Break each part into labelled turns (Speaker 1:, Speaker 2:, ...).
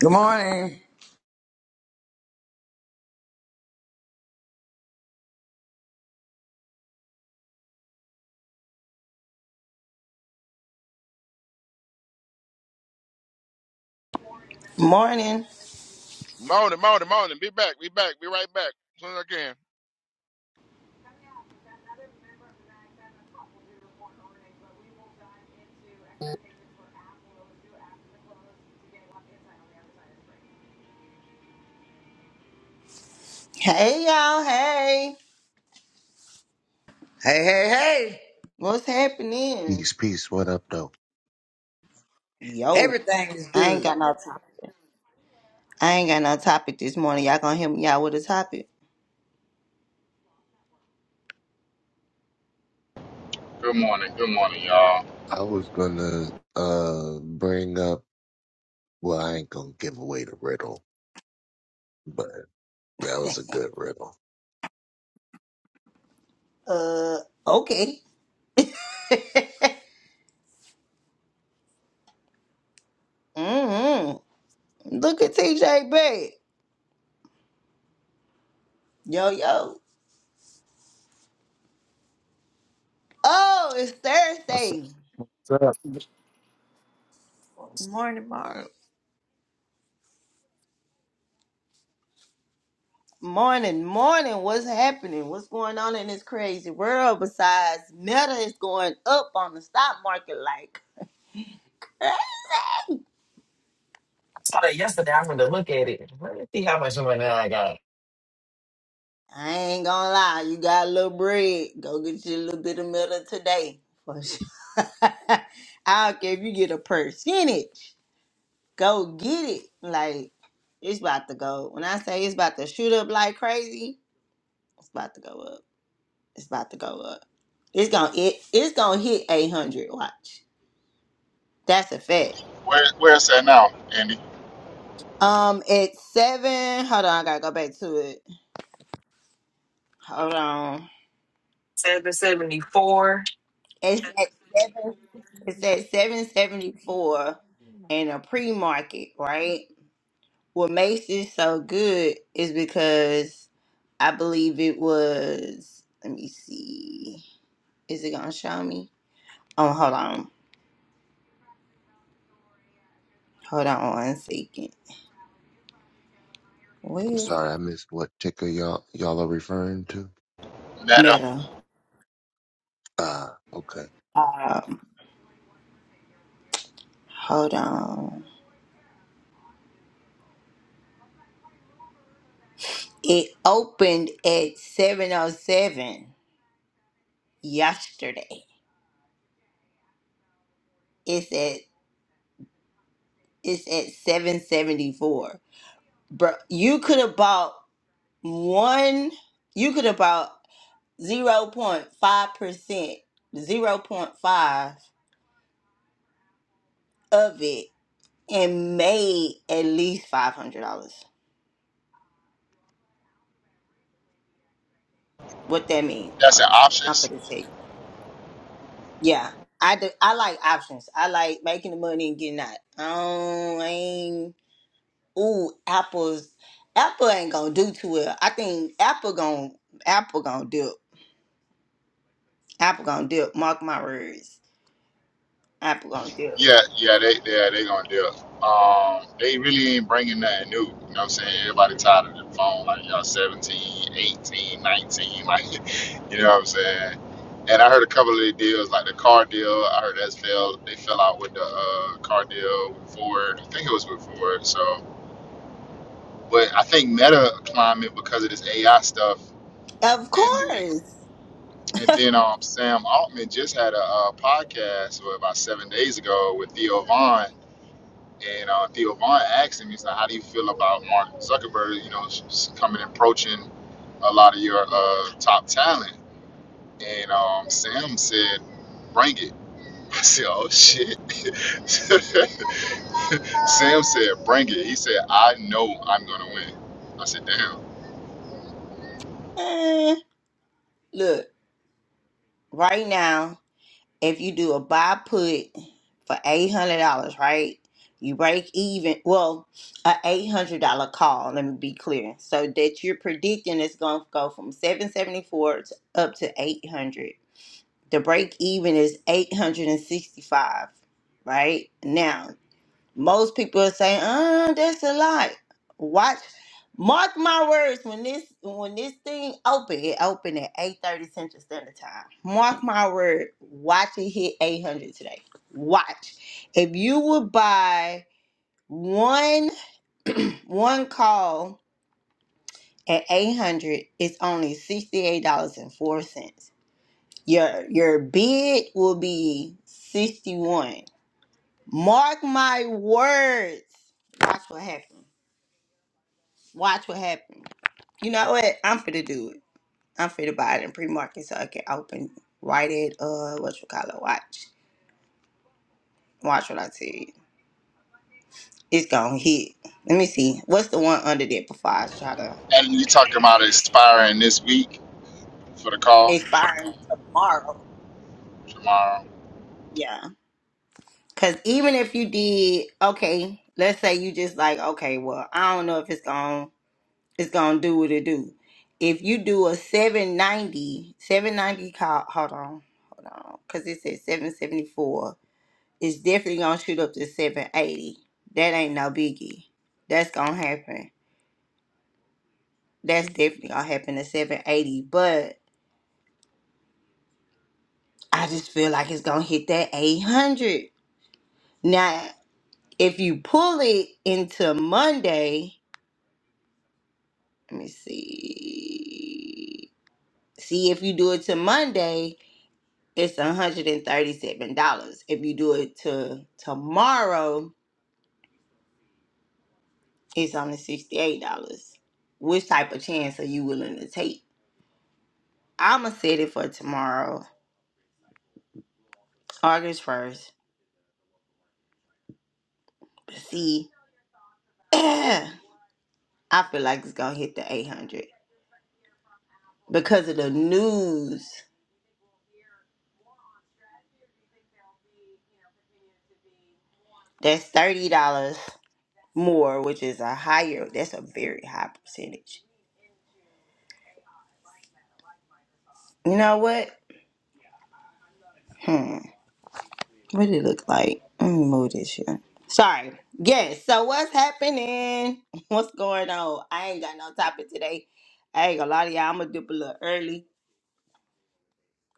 Speaker 1: Good morning.
Speaker 2: Morning.
Speaker 3: Morning, morning, morning. Be back. Be back. Be right back. As soon as I can.
Speaker 2: Hey y'all. Hey.
Speaker 1: Hey, hey, hey.
Speaker 2: What's happening?
Speaker 4: Peace, peace. What up, though?
Speaker 2: Yo.
Speaker 1: Everything is
Speaker 2: I ain't
Speaker 1: good.
Speaker 2: got no topic. I ain't got no topic this morning. Y'all gonna help me out with a topic?
Speaker 5: Good morning. Good morning, y'all.
Speaker 4: I was gonna uh bring up. Well, I ain't gonna give away the riddle, but that was a good riddle.
Speaker 2: Uh okay. Mm-hmm. Look at TJ back. Yo, yo. Oh, it's
Speaker 6: What's up?
Speaker 2: Thursday.
Speaker 6: What's up?
Speaker 2: Morning, Mark. Morning, morning. What's happening? What's going on in this crazy world besides meta is going up on the stock market like
Speaker 7: saw that yesterday. I went to look at it. Let me see how much money I got.
Speaker 2: I ain't gonna lie, you got a little bread. Go get you a little bit of milk today. For sure. I don't care if you get a percentage. Go get it. Like it's about to go. When I say it's about to shoot up like crazy, it's about to go up. It's about to go up. It's gonna it, it's gonna hit eight hundred. Watch. That's a fact.
Speaker 5: Where where is that now, Andy?
Speaker 2: Um, at seven. Hold on, I gotta go back to it. Hold on.
Speaker 7: Seven seventy four.
Speaker 2: It's at It's at 774 in a pre-market, right? What makes this so good is because I believe it was let me see. Is it gonna show me? Oh hold on. Hold on one second.
Speaker 4: I'm
Speaker 2: Where
Speaker 4: sorry, I missed what ticker y'all y'all are referring to.
Speaker 5: Meta.
Speaker 2: meta?
Speaker 4: Ah, okay.
Speaker 2: Um hold on. It opened at 707 yesterday. It's at it's at 774. Bro, you could have bought one you could about 0.5% 0.5 percent, zero point five of it and made at least $500 what that mean
Speaker 5: That's
Speaker 2: hold
Speaker 5: an
Speaker 2: on i'm
Speaker 5: options.
Speaker 2: gonna tell you yeah i do i like options i like making the money and getting out i don't I ain't ooh apples apple ain't gonna do too well i think apple gonna apple gonna dip apple gonna dip mark my words apple gonna dip
Speaker 5: Yeah, yeah, they they they gonna do it. Um, they really ain't bringing nothing new. You know what I'm saying? Everybody tired of the phone. Like y'all seventeen, eighteen, nineteen, Like you know what I'm saying? And I heard a couple of the deals, like the car deal. I heard that's fell. They fell out with the uh, car deal with Ford. I think it was with Ford. So, but I think Meta climbing because of this AI stuff,
Speaker 2: of
Speaker 5: and then
Speaker 2: course
Speaker 5: And then um, Sam Altman just had a, uh podcast well, about seven days ago with Theo Vaughn. And uh, Theo Vaughn asked him, he said, How do you feel about Mark Zuckerberg, you know, s- coming and approaching a lot of your uh, top talent? And um, Sam said, Bring it. I said, Oh, shit. Sam said, Bring it. He said, I know I'm going to win. I said, Damn.
Speaker 2: Eh. Look, right now, if you do a buy put for eight hundred dollars, right? You break even. Well, a eight hundred dollar call. Let me be clear. So that you're predicting it's going to go from seven seventy four to up to eight hundred. The break even is eight hundred and sixty five. Right now, most people are saying, "Uh, that's a lot." Watch, mark my words. When this when this thing open, it open at eight thirty Central Standard Time. Mark my word. Watch it hit eight hundred today. Watch. If you would buy one one call at eight hundred, it's only sixty eight dollars and four cents. Your your bid will be sixty one. Mark my words. Watch what happens. Watch what happens. You know what? I'm finna do it. I'm finna buy it in pre-market so I can open, write it, uh, what you call it, watch. Watch what I tell you. It's gonna hit. Let me see. What's the one under there before I try to
Speaker 5: And you talking about expiring this week for the call
Speaker 2: expire tomorrow?
Speaker 5: tomorrow?
Speaker 2: Yeah. Cause even if you did, okay, let's say you just like, okay, well, I don't know if it's gonna, it's gonna do what it do. If you do a seven ninety, seven ninety. call, hold on, hold on, cause it says 774 It's definitely gonna shoot up to 780. That ain't no biggie. That's gonna happen. That's definitely gonna happen to 780. But I just feel like it's gonna hit that 800. Now, if you pull it into Monday, let me see. See if you do it to Monday, it's $137. If you do it to tomorrow, it's only $68. Which type of chance are you willing to take? I'ma set it for tomorrow, August first. But see, I feel like it's gonna hit the eight hundred because of the news. That's thirty dollars more, which is a higher. That's a very high percentage. You know what? Hmm. What did it look like? Let me move this here. Sorry. Yes. So what's happening? What's going on? I ain't got no topic today. I ain't gonna lie to y'all. I'm gonna dip a little early.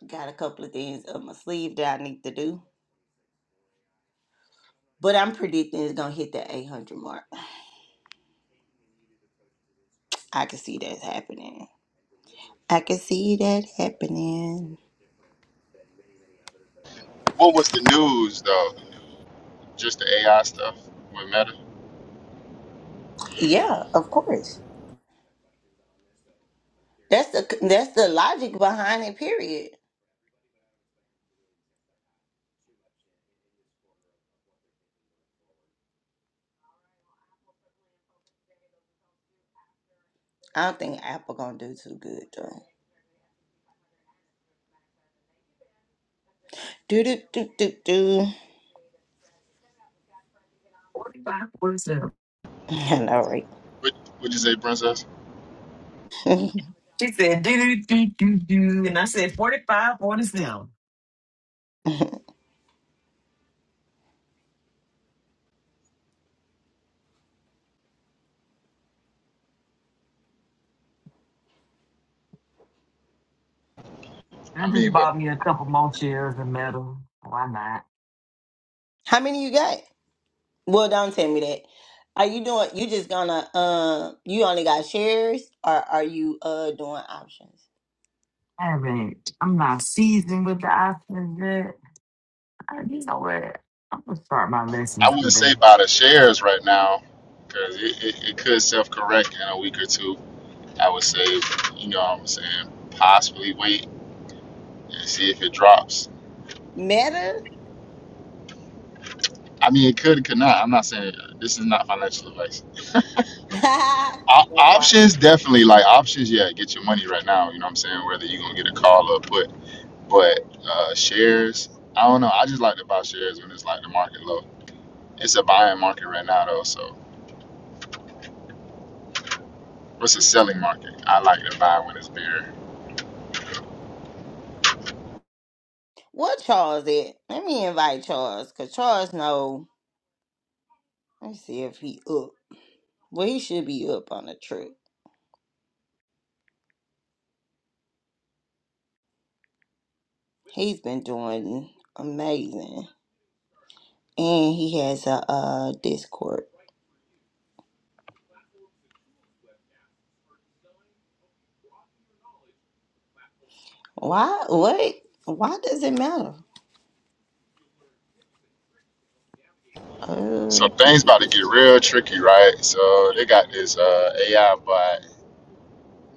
Speaker 2: Got a couple of things up my sleeve that I need to do. But I'm predicting it's gonna hit that 800 mark. I can see that happening. I can see that happening.
Speaker 5: What was the news though? Just the AI stuff with Meta.
Speaker 2: Yeah, of course. That's the that's the logic behind it. Period. I don't think Apple gonna do too good though. Do do do do do.
Speaker 7: Forty five forty seven.
Speaker 2: I know, right?
Speaker 5: What would you say, Princess?
Speaker 7: She said do do do do do, and I said forty five forty seven. I
Speaker 5: I
Speaker 7: just
Speaker 5: mean, but
Speaker 7: bought me a couple more chairs and metal. Why not?
Speaker 2: How many you got? Well, don't tell me that. Are you doing? You just gonna uh? You only got shares, or are you uh doing options?
Speaker 7: I haven't. I'm not seasoned with the options yet. I, you know what? I'm gonna start my
Speaker 5: I
Speaker 7: lessons
Speaker 5: wouldn't
Speaker 7: today.
Speaker 5: say buy the shares right now because it, it, it could self correct in a week or two. I would say, you know, what I'm saying possibly wait and see if it drops.
Speaker 2: Meta.
Speaker 5: I mean, it could, it could not. I'm not saying uh, this is not financial advice.
Speaker 2: that
Speaker 5: O-
Speaker 2: part.
Speaker 5: options definitely like options. Yeah, get your money right now. You know what I'm saying? Whether you're gonna get a call or a put, but uh, shares. I don't know. I just like to buy shares when it's like the market low. It's a buying market right now, though. So it's a selling market. I like to buy when it's beer.
Speaker 2: What Charles at? Let me invite Charles, cause Charles know. Let me see if he up. Well, he should be up on the trip. He's been doing amazing, and he has a uh Discord. Why? What? Why does it matter? Uh,
Speaker 5: So
Speaker 2: do,
Speaker 5: things
Speaker 2: do,
Speaker 5: about to
Speaker 2: do.
Speaker 5: get real tricky, right? So they got this uh, AI bot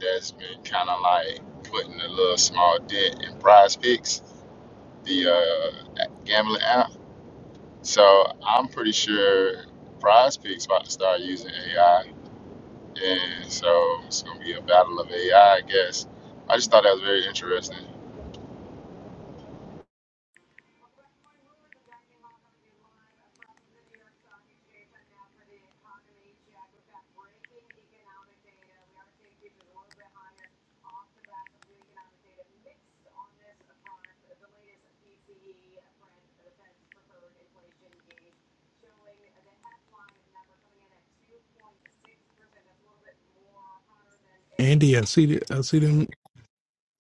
Speaker 5: that's been kind of like putting a little small dent in Prize Picks, the uh, gambling app. So I'm pretty sure Prize Picks about to start using AI, and so it's gonna be a battle of AI, I I guess. I just thought that was very interesting.
Speaker 8: Andy, I see the, I see them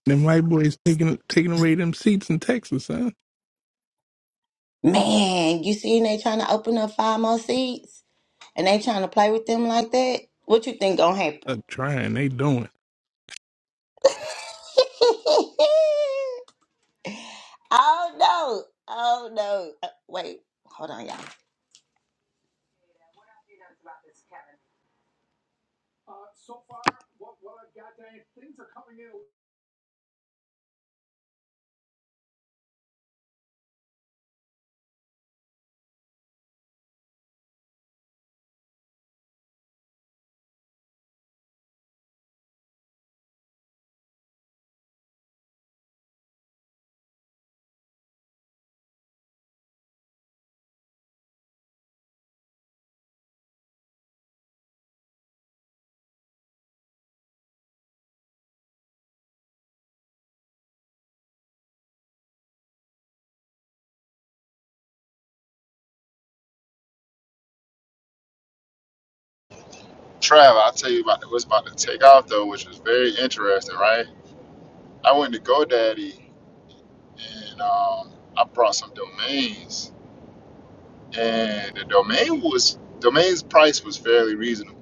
Speaker 8: them white boys taking taking away them seats in Texas, huh?
Speaker 2: man, you seen they trying to open up five more seats, and they trying to play with them like that. What you think gonna happen?
Speaker 8: I'm trying, they doing.
Speaker 2: oh no! Oh no! Uh, wait, hold on, y'all.
Speaker 5: Trav, I'll tell you about what's about to take off though, which was very interesting, right? I went to GoDaddy and um, I brought some domains, and the domain was domain's price was fairly reasonable.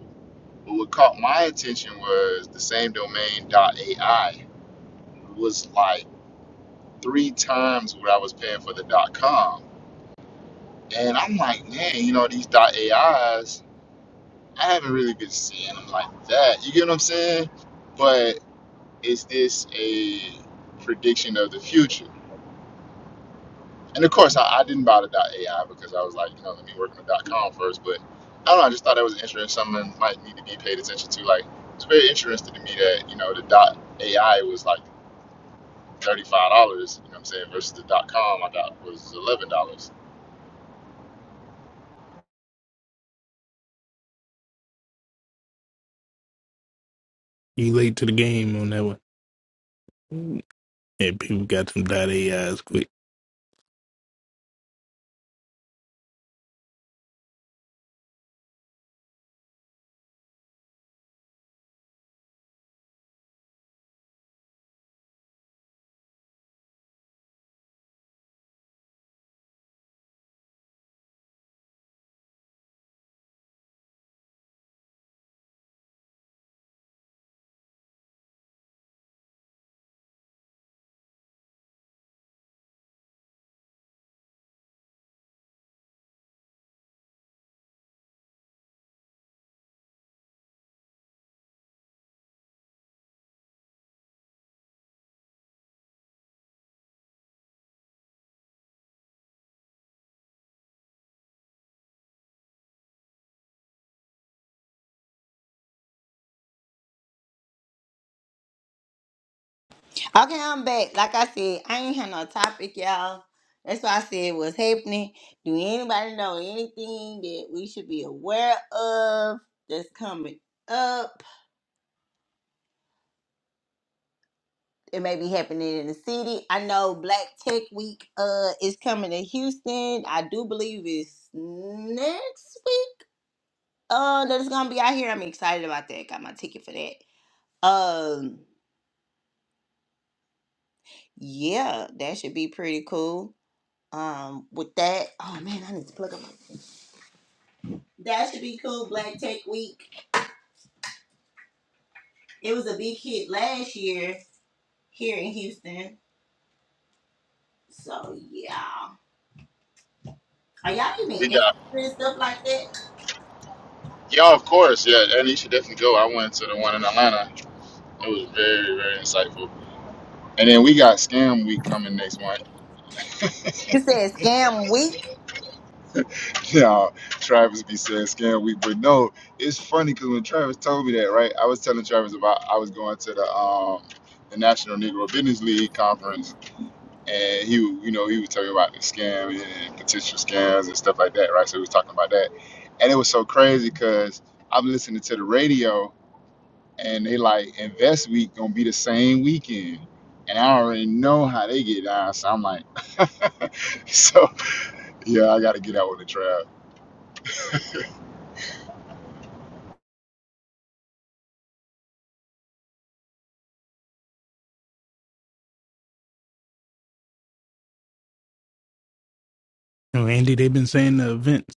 Speaker 5: But what caught my attention was the same domain .ai was like three times what I was paying for the .com, and I'm like, man, you know these .ais, I haven't really been seeing them like that. You get what I'm saying? But is this a prediction of the future? And of course, I, I didn't bother .ai because I was like, you know, let me work on the .com first. But I don't know. I just thought that was interesting. Something might need to be paid attention to. Like, it's very interesting to me that you know the .ai was like thirty five dollars. You know what I'm saying? Versus the .com, I got was eleven dollars.
Speaker 8: You late to the game on that one. Mm. And people got some dot eyes. quick.
Speaker 2: Okay, I'm back. Like I said, I ain't had no topic, y'all. That's why I said what's happening. Do anybody know anything that we should be aware of that's coming up? It may be happening in the city. I know Black Tech Week uh is coming to Houston. I do believe it's next week. Uh that it's gonna be out here. I'm excited about that. Got my ticket for that. Um yeah, that should be pretty cool. Um with that. Oh man, I need to plug up. my That should be cool. Black Tech Week. It was a big hit last year here in Houston. So yeah. Are y'all even
Speaker 5: We got
Speaker 2: interested in stuff like that?
Speaker 5: yeah, of course, yeah. And you should definitely go. I went to the one in Atlanta. It was very very insightful. And then we got scam week coming next month.
Speaker 2: You said scam week.
Speaker 5: Yeah, Travis be saying scam week, but no, it's funny because when Travis told me that, right, I was telling Travis about I was going to the um the National Negro Business League conference, and he, w- you know, he was telling me about the scam and potential scams and stuff like that, right? So he was talking about that, and it was so crazy because I'm listening to the radio, and they like Invest Week gonna be the same weekend, and I already know how they get down, so I'm like, so yeah, I gotta get out with the Trav.
Speaker 8: No, Andy, they've been saying the events,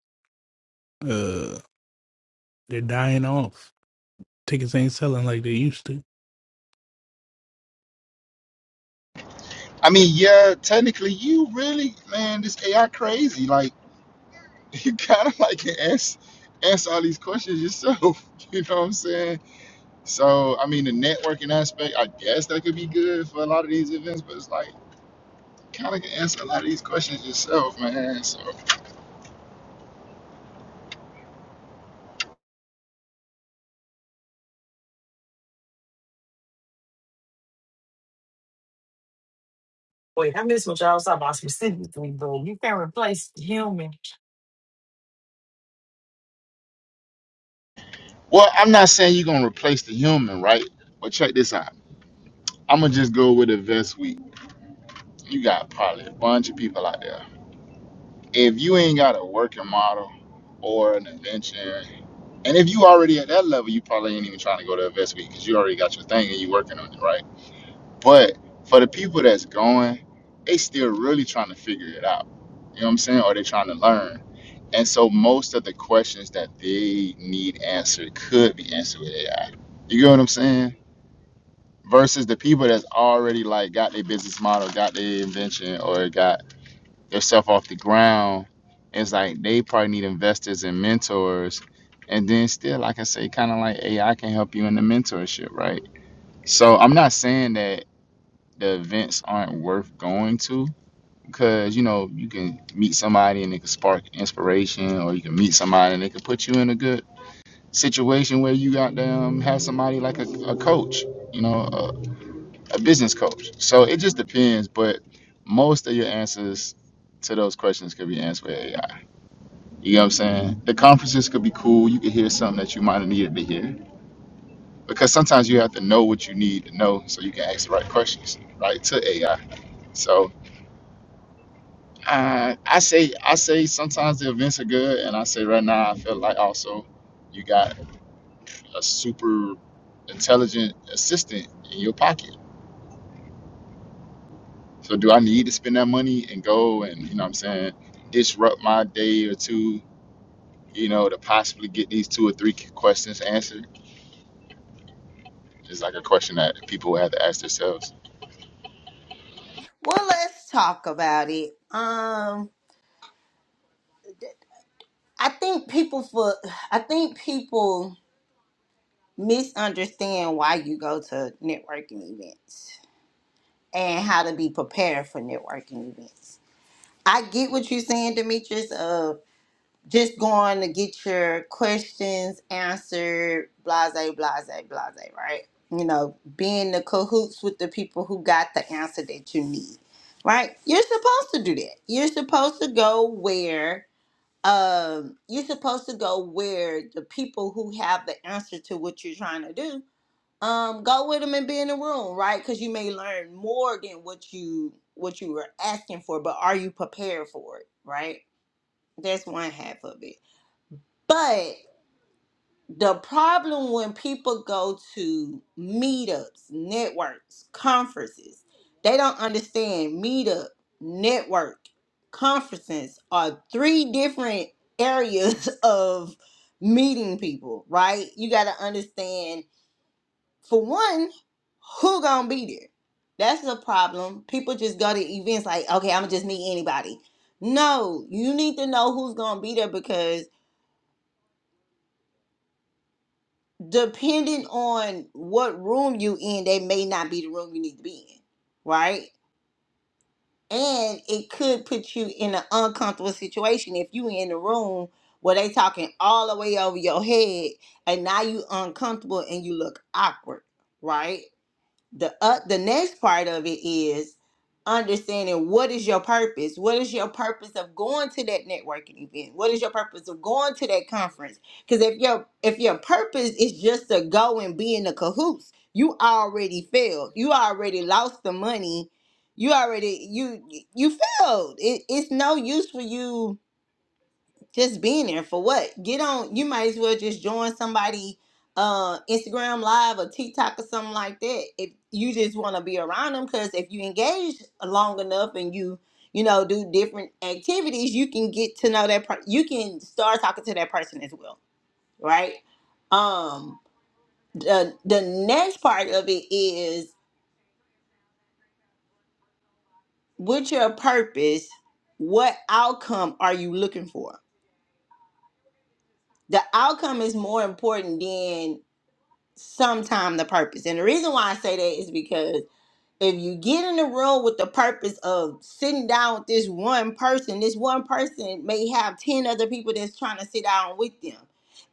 Speaker 8: uh, they're dying off. Tickets ain't selling like they used to.
Speaker 5: I mean, yeah, technically, you really, man, this AI crazy. Like, you kind of like can ask, ask all these questions yourself. You know what I'm saying? So, I mean, the networking aspect, I guess that could be good for a lot of these events, but it's like, kind of can answer a lot of these questions yourself, man. So,
Speaker 7: Wait, I missed what y'all was talking about specifically, though. you can not replace human.
Speaker 5: well, I'm not saying you're going to replace the human, right? But check this out. I'm going to just go with Invest Week. You got probably a bunch of people out there if you ain't got a working model or an invention, and if you already at that level, you probably ain't even trying to go to Invest Week because you already got your thing and you working on it, right? But for the people that's going, they still really trying to figure it out. You know what I'm saying? Or they trying to learn. And so most of the questions that they need answered could be answered with AI. You get what I'm saying? Versus the people that's already like got their business model, got their invention, or got yourself off the ground. It's like they probably need investors and mentors. And then still, like I say, kind of like AI can help you in the mentorship, right? So I'm not saying that the events aren't worth going to because, you know, you can meet somebody and it can spark inspiration or you can meet somebody and they can put you in a good situation where you got to um, have somebody like a, a coach, you know, a, a business coach. So it just depends. But most of your answers to those questions could be answered with AI. You know what I'm saying? The conferences could be cool. You could hear something that you might have needed to hear because sometimes you have to know what you need to know so you can ask the right questions, right, to AI. So uh, I say, I say sometimes the events are good, and I say right now I feel like also you got a super intelligent assistant in your pocket. So do I need to spend that money and go and you know what I'm saying disrupt my day or two, you know, to possibly get these two or three questions answered? It's like a question that people have to ask themselves.
Speaker 2: Well, let's talk about it. Um, I think people for I think people misunderstand why you go to networking events and how to be prepared for networking events. I get what you're saying, Demetrius. Uh. just going to get your questions answered, blase, blase, blase, right? You know, being the cahoots with the people who got the answer that you need, right? You're supposed to do that. You're supposed to go where, um, you're supposed to go where the people who have the answer to what you're trying to do, um, go with them and be in the room, right? Because you may learn more than what you what you were asking for, but are you prepared for it, right? That's one half of it but the problem when people go to meetups, networks, conferences, they don't understand meetup, network, conferences are three different areas of meeting people, right? You got to understand for one, who going to be there? That's the problem. People just go to events like, okay, I'm going to just meet anybody. No, you need to know who's going to be there because depending on what room you in, they may not be the room you need to be in, right? And it could put you in an uncomfortable situation if you in the room where they talking all the way over your head, and now you uncomfortable and you look awkward, right? the uh, the next part of it is understanding what is your purpose what is your purpose of going to that networking event what is your purpose of going to that conference because if your if your purpose is just to go and be in the cahoots you already failed you already lost the money you already you you failed it, it's no use for you just being there for what? Get on. You might as well just join somebody uh Instagram live or TikTok or something like that. If you just want to be around them, because if you engage long enough and you you know do different activities, you can get to know that. Per- you can start talking to that person as well, right? Um, the the next part of it is what's your purpose? What outcome are you looking for? The outcome is more important than sometime the purpose. And the reason why I say that is because if you get in the room with the purpose of sitting down with this one person, this one person may have 10 other people that's trying to sit down with them.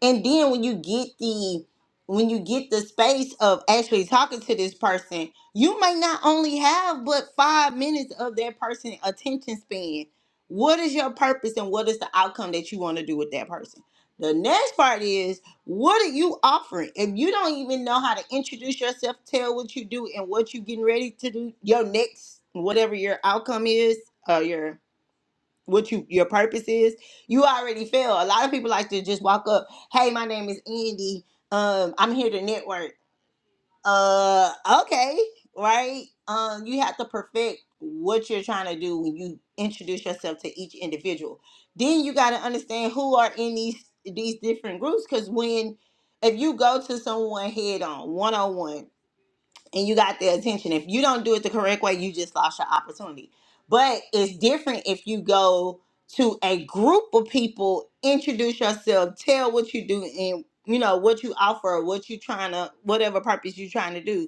Speaker 2: And then when you get the when you get the space of actually talking to this person, you may not only have but five minutes of that person's attention span. What is your purpose and what is the outcome that you want to do with that person? The next part is what are you offering? If you don't even know how to introduce yourself, tell what you do and what you're getting ready to do, your next whatever your outcome is, uh your what you your purpose is, you already fail. A lot of people like to just walk up, hey, my name is Andy. Um, I'm here to network uh okay right um you have to perfect what you're trying to do when you introduce yourself to each individual then you got to understand who are in these these different groups because when if you go to someone head on one-on-one and you got their attention if you don't do it the correct way you just lost your opportunity but it's different if you go to a group of people introduce yourself tell what you do and you know what you offer what you trying to whatever purpose you're trying to do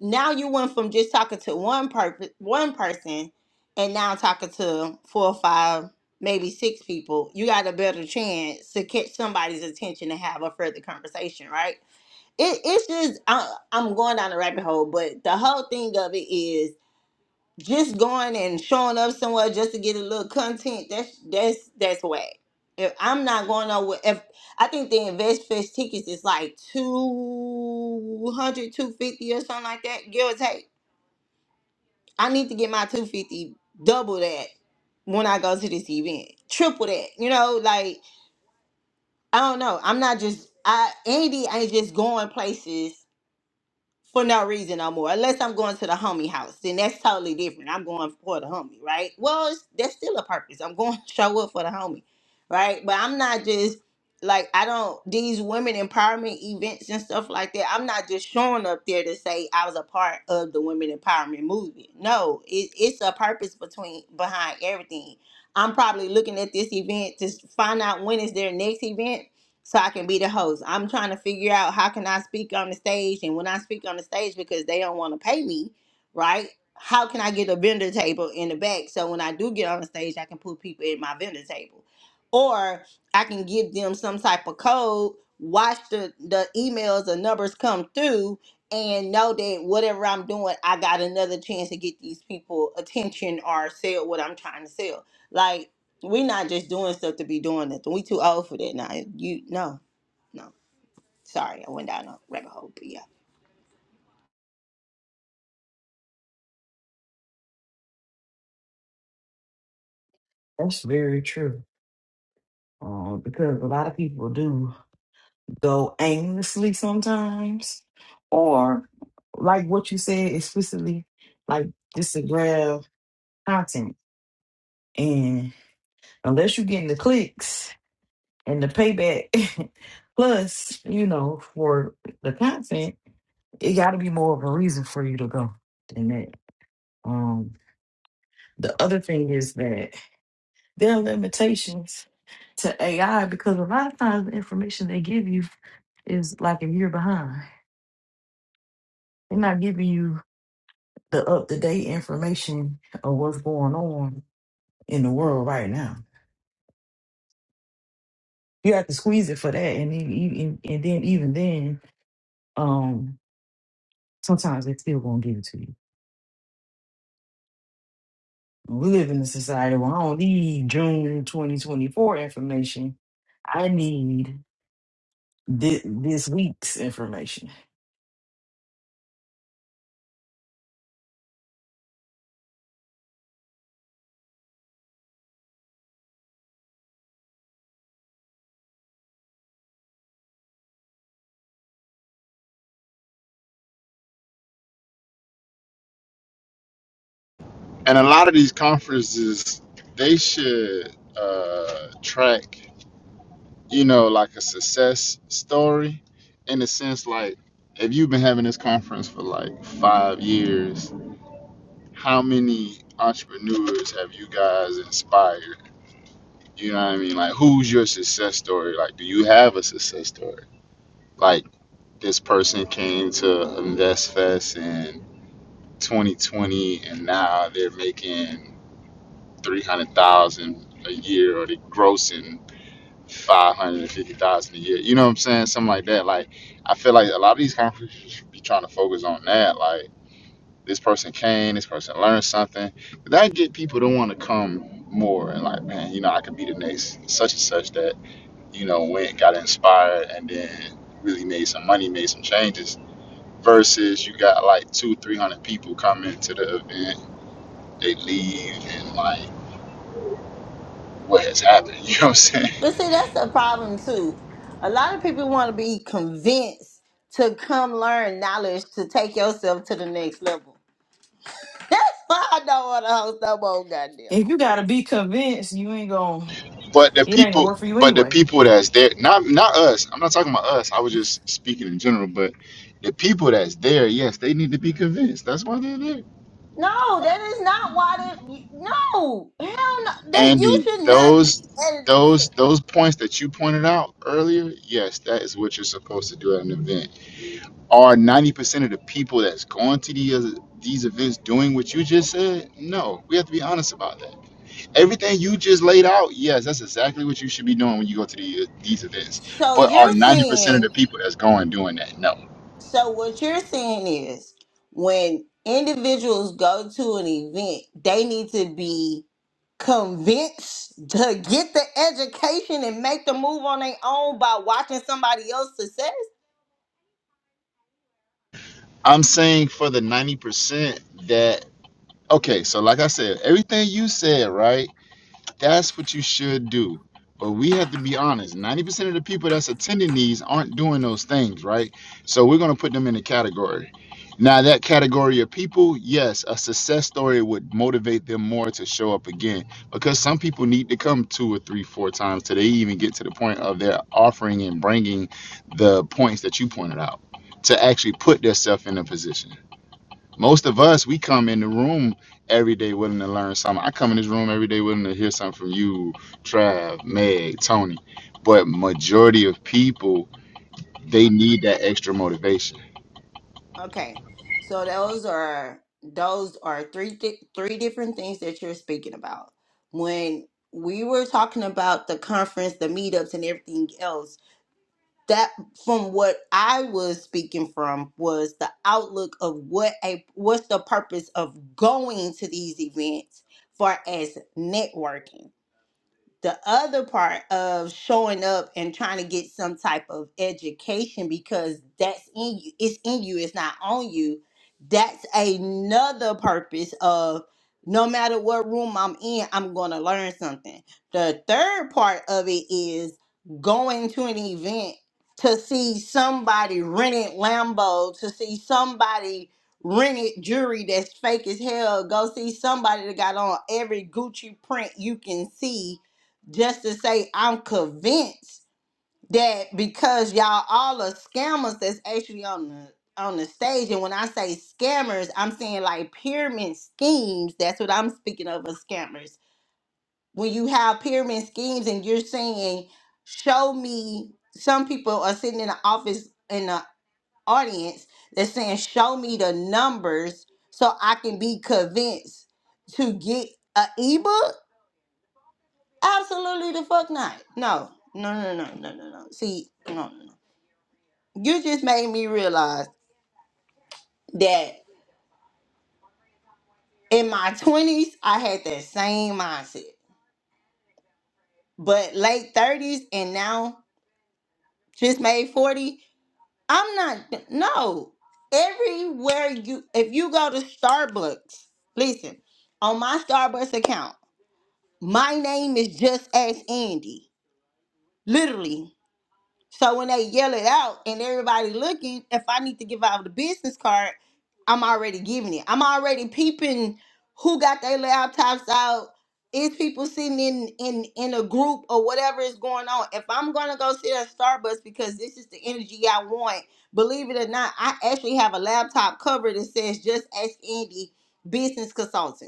Speaker 2: now you went from just talking to one purpose one person and now talking to four or five maybe six people you got a better chance to catch somebody's attention and have a further conversation right it, it's just I, i'm going down the rabbit hole but the whole thing of it is just going and showing up somewhere just to get a little content that's that's that's whack if i'm not going nowhere if i think the invest fest tickets is like two hundred, two fifty, or something like that give or take I need to get my 250 double that when I go to this event. Triple that. You know, like I don't know. I'm not just I Andy ain't just going places for no reason no more. Unless I'm going to the homie house, then that's totally different. I'm going for the homie, right? Well, it's, that's still a purpose. I'm going to show up for the homie, right? But I'm not just like I don't these women empowerment events and stuff like that. I'm not just showing up there to say I was a part of the women empowerment movement. No, it, it's a purpose between behind everything. I'm probably looking at this event to find out when is their next event so I can be the host. I'm trying to figure out how can I speak on the stage and when I speak on the stage because they don't want to pay me, right? How can I get a vendor table in the back so when I do get on the stage I can put people at my vendor table? Or I can give them some type of code, watch the, the emails or numbers come through and know that whatever I'm doing, I got another chance to get these people attention or sell what I'm trying to sell. Like we're not just doing stuff to be doing nothing. We too old for that now. You no, no. Sorry, I went down a rabbit hole, but yeah.
Speaker 7: That's very true. uh, because a lot of people do go aimlessly sometimes, or like what you said, explicitly, like just to grab content. And unless you're getting the clicks and the payback, plus, you know, for the content, it got to be more of a reason for you to go than that. Um, the other thing is that There are limitations to AI because a lot of times the information they give you is like a year behind. They're not giving you the up to date information of what's going on in the world right now. You have to squeeze it for that, and then, even- and then even then, um, sometimes they still won't give it to you. We live in a society where I don't need June 2024 information. I need thi- this week's information.
Speaker 5: And a lot of these conferences, they should uh, track, you know, like a success story in a sense like if you've been having this conference for like five years, how many entrepreneurs have you guys inspired? You know what I mean? Like, who's your success story? Like, do you have a success story? Like, this person came to InvestFest in 2020 and now they're making three hundred thousand a year, or they grossing five hundred and fifty thousand a year. You know what I'm saying? Something like that. Like I feel like a lot of these conferences should be trying to focus on that. Like this person came, this person learned something. That get people to want to come more and like, man, you know, I could be the next such and such that you know went, got inspired, and then really made some money, made some changes. Versus you got like two, three hundred people coming to the event, they leave and like what has happened. You know what I'm saying?
Speaker 2: But see, that's the problem too. A lot of people want to be convinced to come learn knowledge to take yourself to the next level. That's why I don't want to host no more goddamn
Speaker 7: If you
Speaker 2: events.
Speaker 7: gotta be convinced, you ain't gonna.
Speaker 5: But the
Speaker 7: It ain't gonna
Speaker 5: people,
Speaker 7: work for you
Speaker 5: but the
Speaker 7: anyway.
Speaker 5: people that's there, not not us. I'm not talking about us. I was just speaking in general. But the people that's there, yes, they need to be convinced. That's why they're there.
Speaker 2: No, that is not why that. No, hell no. That you
Speaker 5: Andy,
Speaker 2: should not be
Speaker 5: those
Speaker 2: at an
Speaker 5: those
Speaker 2: event.
Speaker 5: those points that you pointed out earlier, yes, that is what you're supposed to do at an event. Are 90% of the people that's going to the these events doing what you just said? No, we have to be honest about that everything you just laid out, yes, that's exactly what you should be doing when you go to the, these events.
Speaker 2: So
Speaker 5: But are
Speaker 2: you're
Speaker 5: 90% of
Speaker 2: saying
Speaker 5: the people that's going doing that? No.
Speaker 2: So what you're saying is when individuals go to an event, they need to be convinced to get the education and make the move on their own by watching somebody else's success.
Speaker 5: I'm saying for the 90% that, okay, so like I said, everything you said, right? That's what you should do. But we have to be honest. 90% of the people that's attending these aren't doing those things, right? So we're going to put them in a category. Now, that category of people, yes, a success story would motivate them more to show up again because some people need to come two or three, four times till they even get to the point of their offering and bringing the points that you pointed out to actually put themselves in a position. Most of us, we come in the room every day willing to learn something. I come in this room every day willing to hear something from you, Trav, Meg, Tony. But majority of people, they need that extra motivation.
Speaker 2: Okay. So those are those are three di- three different things that you're speaking about. When we were talking about the conference, the meetups and everything else, that from what I was speaking from was the outlook of what a what's the purpose of going to these events far as networking the other part of showing up and trying to get some type of education because that's in you it's in you it's not on you that's another purpose of no matter what room i'm in i'm going to learn something the third part of it is going to an event to see somebody rented lambo to see somebody rented jewelry that's fake as hell go see somebody that got on every gucci print you can see just to say I'm convinced that because y'all all are scammers that's actually on the on the stage and when I say scammers, I'm saying like pyramid schemes. That's what I'm speaking of as scammers. When you have pyramid schemes and you're saying, show me some people are sitting in the office in the audience that's saying, show me the numbers so I can be convinced to get a ebook Absolutely the fuck not. No, no, no, no, no, no, no. See, no, no, no. You just made me realize that in my twenties I had that same mindset, but late thirties and now just made forty, I'm not. No, everywhere you, if you go to Starbucks, listen, on my Starbucks account, my name is just as Andy. Literally, So when they yell it out and everybody looking, if I need to give out the business card, I'm already giving it. I'm already peeping who got their laptops out. Is people sitting in in in a group or whatever is going on? If I'm gonna go sit at Starbucks because this is the energy I want, believe it or not, I actually have a laptop cover that says "Just Ask Andy, Business Consultant."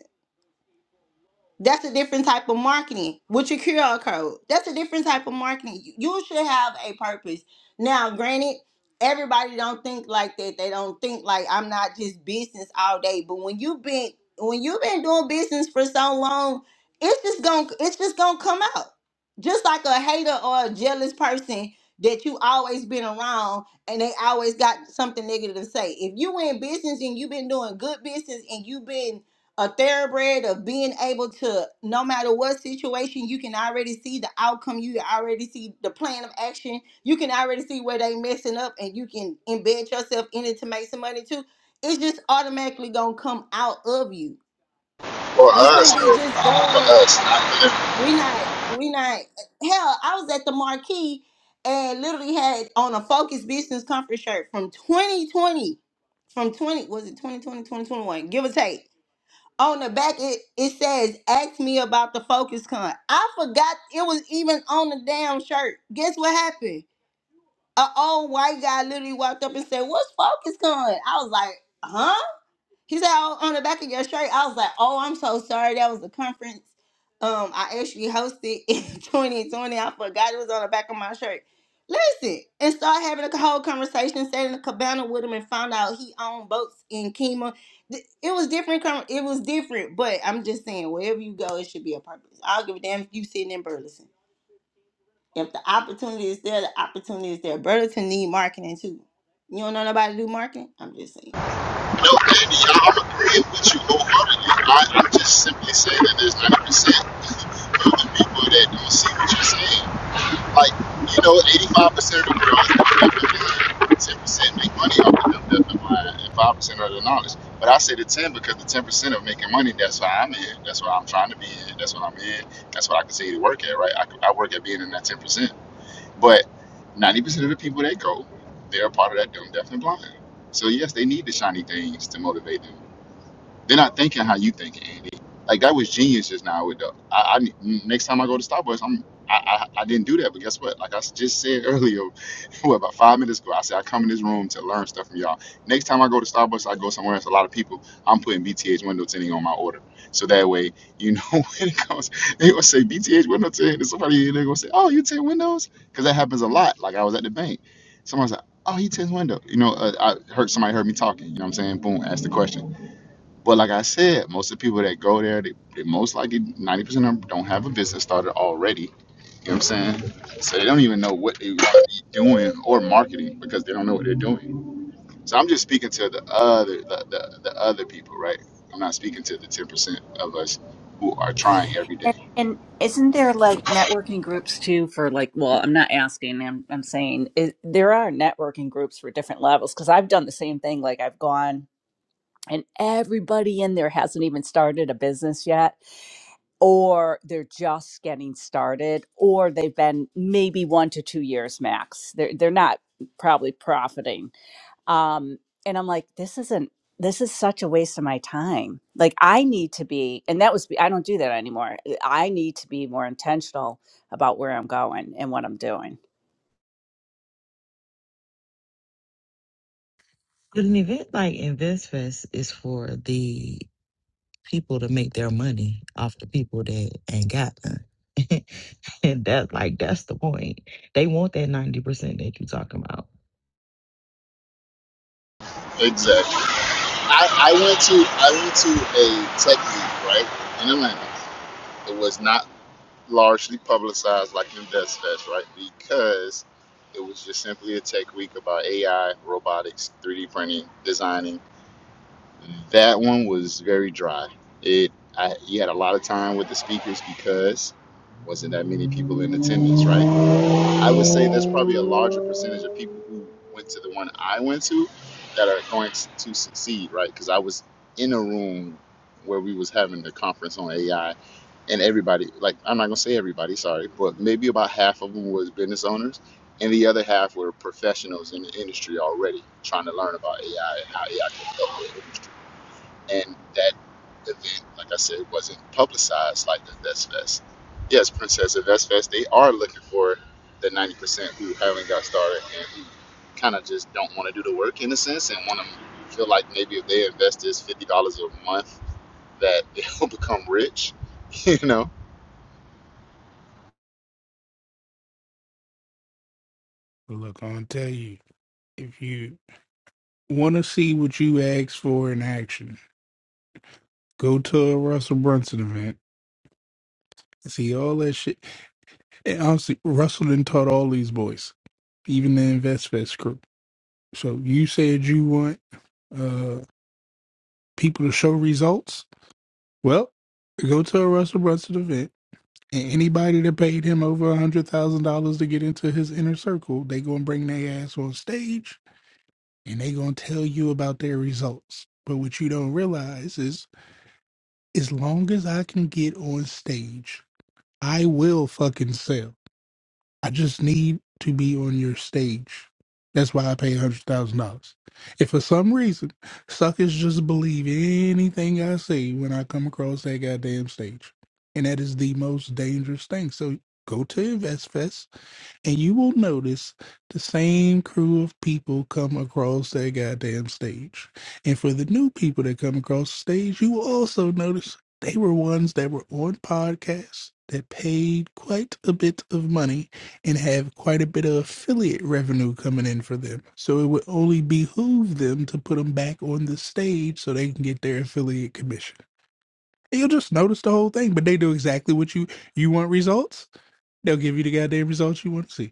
Speaker 2: That's a different type of marketing with your QR code. That's a different type of marketing. You you should have a purpose. Now, granted, everybody don't think like that. They don't think like I'm not just business all day. But when you've been when you've been doing business for so long, it's just gonna it's just gonna come out. Just like a hater or a jealous person that you always been around and they always got something negative to say. If you in business and you've been doing good business and you've been a thoroughbred of being able to no matter what situation you can already see the outcome you already see the plan of action you can already see where they messing up and you can embed yourself in it to make some money too it's just automatically gonna come out of you
Speaker 5: For
Speaker 2: we
Speaker 5: us,
Speaker 2: shouldn't be
Speaker 5: though,
Speaker 2: just
Speaker 5: for
Speaker 2: going
Speaker 5: us, I,
Speaker 2: we not we not hell i was at the marquee and literally had on a focus business conference shirt from 2020 from 20 was it 2020 2021 give or take on the back it, it says ask me about the focus con i forgot it was even on the damn shirt guess what happened a old white guy literally walked up and said what's focus con i was like huh he said, "Oh, on the back of your shirt. I was like, oh, I'm so sorry. That was a conference. Um, I actually hosted in 2020. I forgot it was on the back of my shirt. Listen, and start having a whole conversation, sat in a cabana with him, and found out he owned boats in Kima. Th- It was different. con- It was different, but I'm just saying, wherever you go, it should be a purpose. I'll give a damn if you sitting in Burleson. If the opportunity is there, the opportunity is there. Burlington need marketing too. You don't know nobody do marketing. I'm just saying.
Speaker 5: no, Andy, I'm agreeing with you wholeheartedly. I, I'm just simply saying that there's 90% of the people that don't see what you're saying. Like, you know, 85% of the girls, is development. 10% make money off of the development line and 5% are the knowledge. But I say the 10 because the 10% of making money, that's why I'm in. That's what I'm trying to be in. That's what I'm in. That's what I continue to work at, right? I, I work at being in that 10%. But 90% of the people that go, they're a part of that dumb, deaf, and blind. So, yes, they need the shiny things to motivate them. They're not thinking how you think, Andy. Like that was genius just now. With the, I, I next time I go to Starbucks, I'm I, I I didn't do that, but guess what? Like I just said earlier, what about five minutes ago? I said I come in this room to learn stuff from y'all. Next time I go to Starbucks, I go somewhere else. A lot of people, I'm putting BTH window tinting on my order, so that way you know when it comes, they gonna say BTH window tint, and somebody they gonna say, oh, you tint windows, because that happens a lot. Like I was at the bank, someone's like, oh, he tints window. You know, uh, I heard somebody heard me talking. You know what I'm saying? Boom, ask the question but like I said, most of the people that go there, they, they most likely 90% of them don't have a business started already. You know what I'm saying? So they don't even know what they want to be doing or marketing because they don't know what they're doing. So I'm just speaking to the other the, the, the other people, right? I'm not speaking to the 10% of us who are trying every
Speaker 9: And,
Speaker 5: day.
Speaker 9: and isn't there like networking groups too for like, well, I'm not asking, I'm, I'm saying is, there are networking groups for different levels because I've done the same thing. Like I've gone and everybody in there hasn't even started a business yet, or they're just getting started, or they've been maybe one to two years max. They're, they're not probably profiting um and i'm like this isn't this is such a waste of my time like i need to be and that was i don't do that anymore i need to be more intentional about where i'm going and what i'm doing
Speaker 7: But an event like InvestFest is for the people to make their money off the people that ain't got none. and that's like that's the point. They want that ninety percent that you talking about.
Speaker 5: Exactly. I, I went to I went to a tech meeting, right? In Atlanta. It was not largely publicized like in Fest, right? Because it was just simply a tech week about AI, robotics, 3D printing, designing. That one was very dry. It I, you had a lot of time with the speakers because wasn't that many people in attendance, right? I would say there's probably a larger percentage of people who went to the one I went to that are going to succeed, right? Because I was in a room where we was having the conference on AI and everybody like i'm not going to say everybody sorry but maybe about half of them was business owners and the other half were professionals in the industry already trying to learn about ai and how ai can help their industry and that event like i said wasn't publicized like the vest fest yes princess of vest fest they are looking for the 90% who haven't got started and who kind of just don't want to do the work in a sense and want to feel like maybe if they invest this $50 a month that they'll become rich you know
Speaker 8: Look, I'm gonna tell you, if you want to see what you asked for in action, go to a Russell Brunson event. See all that shit. And honestly, Russell done taught all these boys, even the InvestFest crew. So you said you want uh, people to show results. Well, go to a Russell Brunson event, and anybody that paid him over a hundred thousand dollars to get into his inner circle, they gonna bring their ass on stage, and they gonna tell you about their results. But what you don't realize is, as long as I can get on stage, I will fucking sell. I just need to be on your stage. That's why I pay hundred thousand dollars. If for some reason suckers just believe anything I say when I come across that goddamn stage, and that is the most dangerous thing. So go to InvestFest and you will notice the same crew of people come across that goddamn stage. And for the new people that come across the stage, you will also notice they were ones that were on podcasts that paid quite a bit of money and have quite a bit of affiliate revenue coming in for them. So it would only behoove them to put them back on the stage so they can get their affiliate commission. And You'll just notice the whole thing, but they do exactly what you you want results. They'll give you the goddamn results you want to see.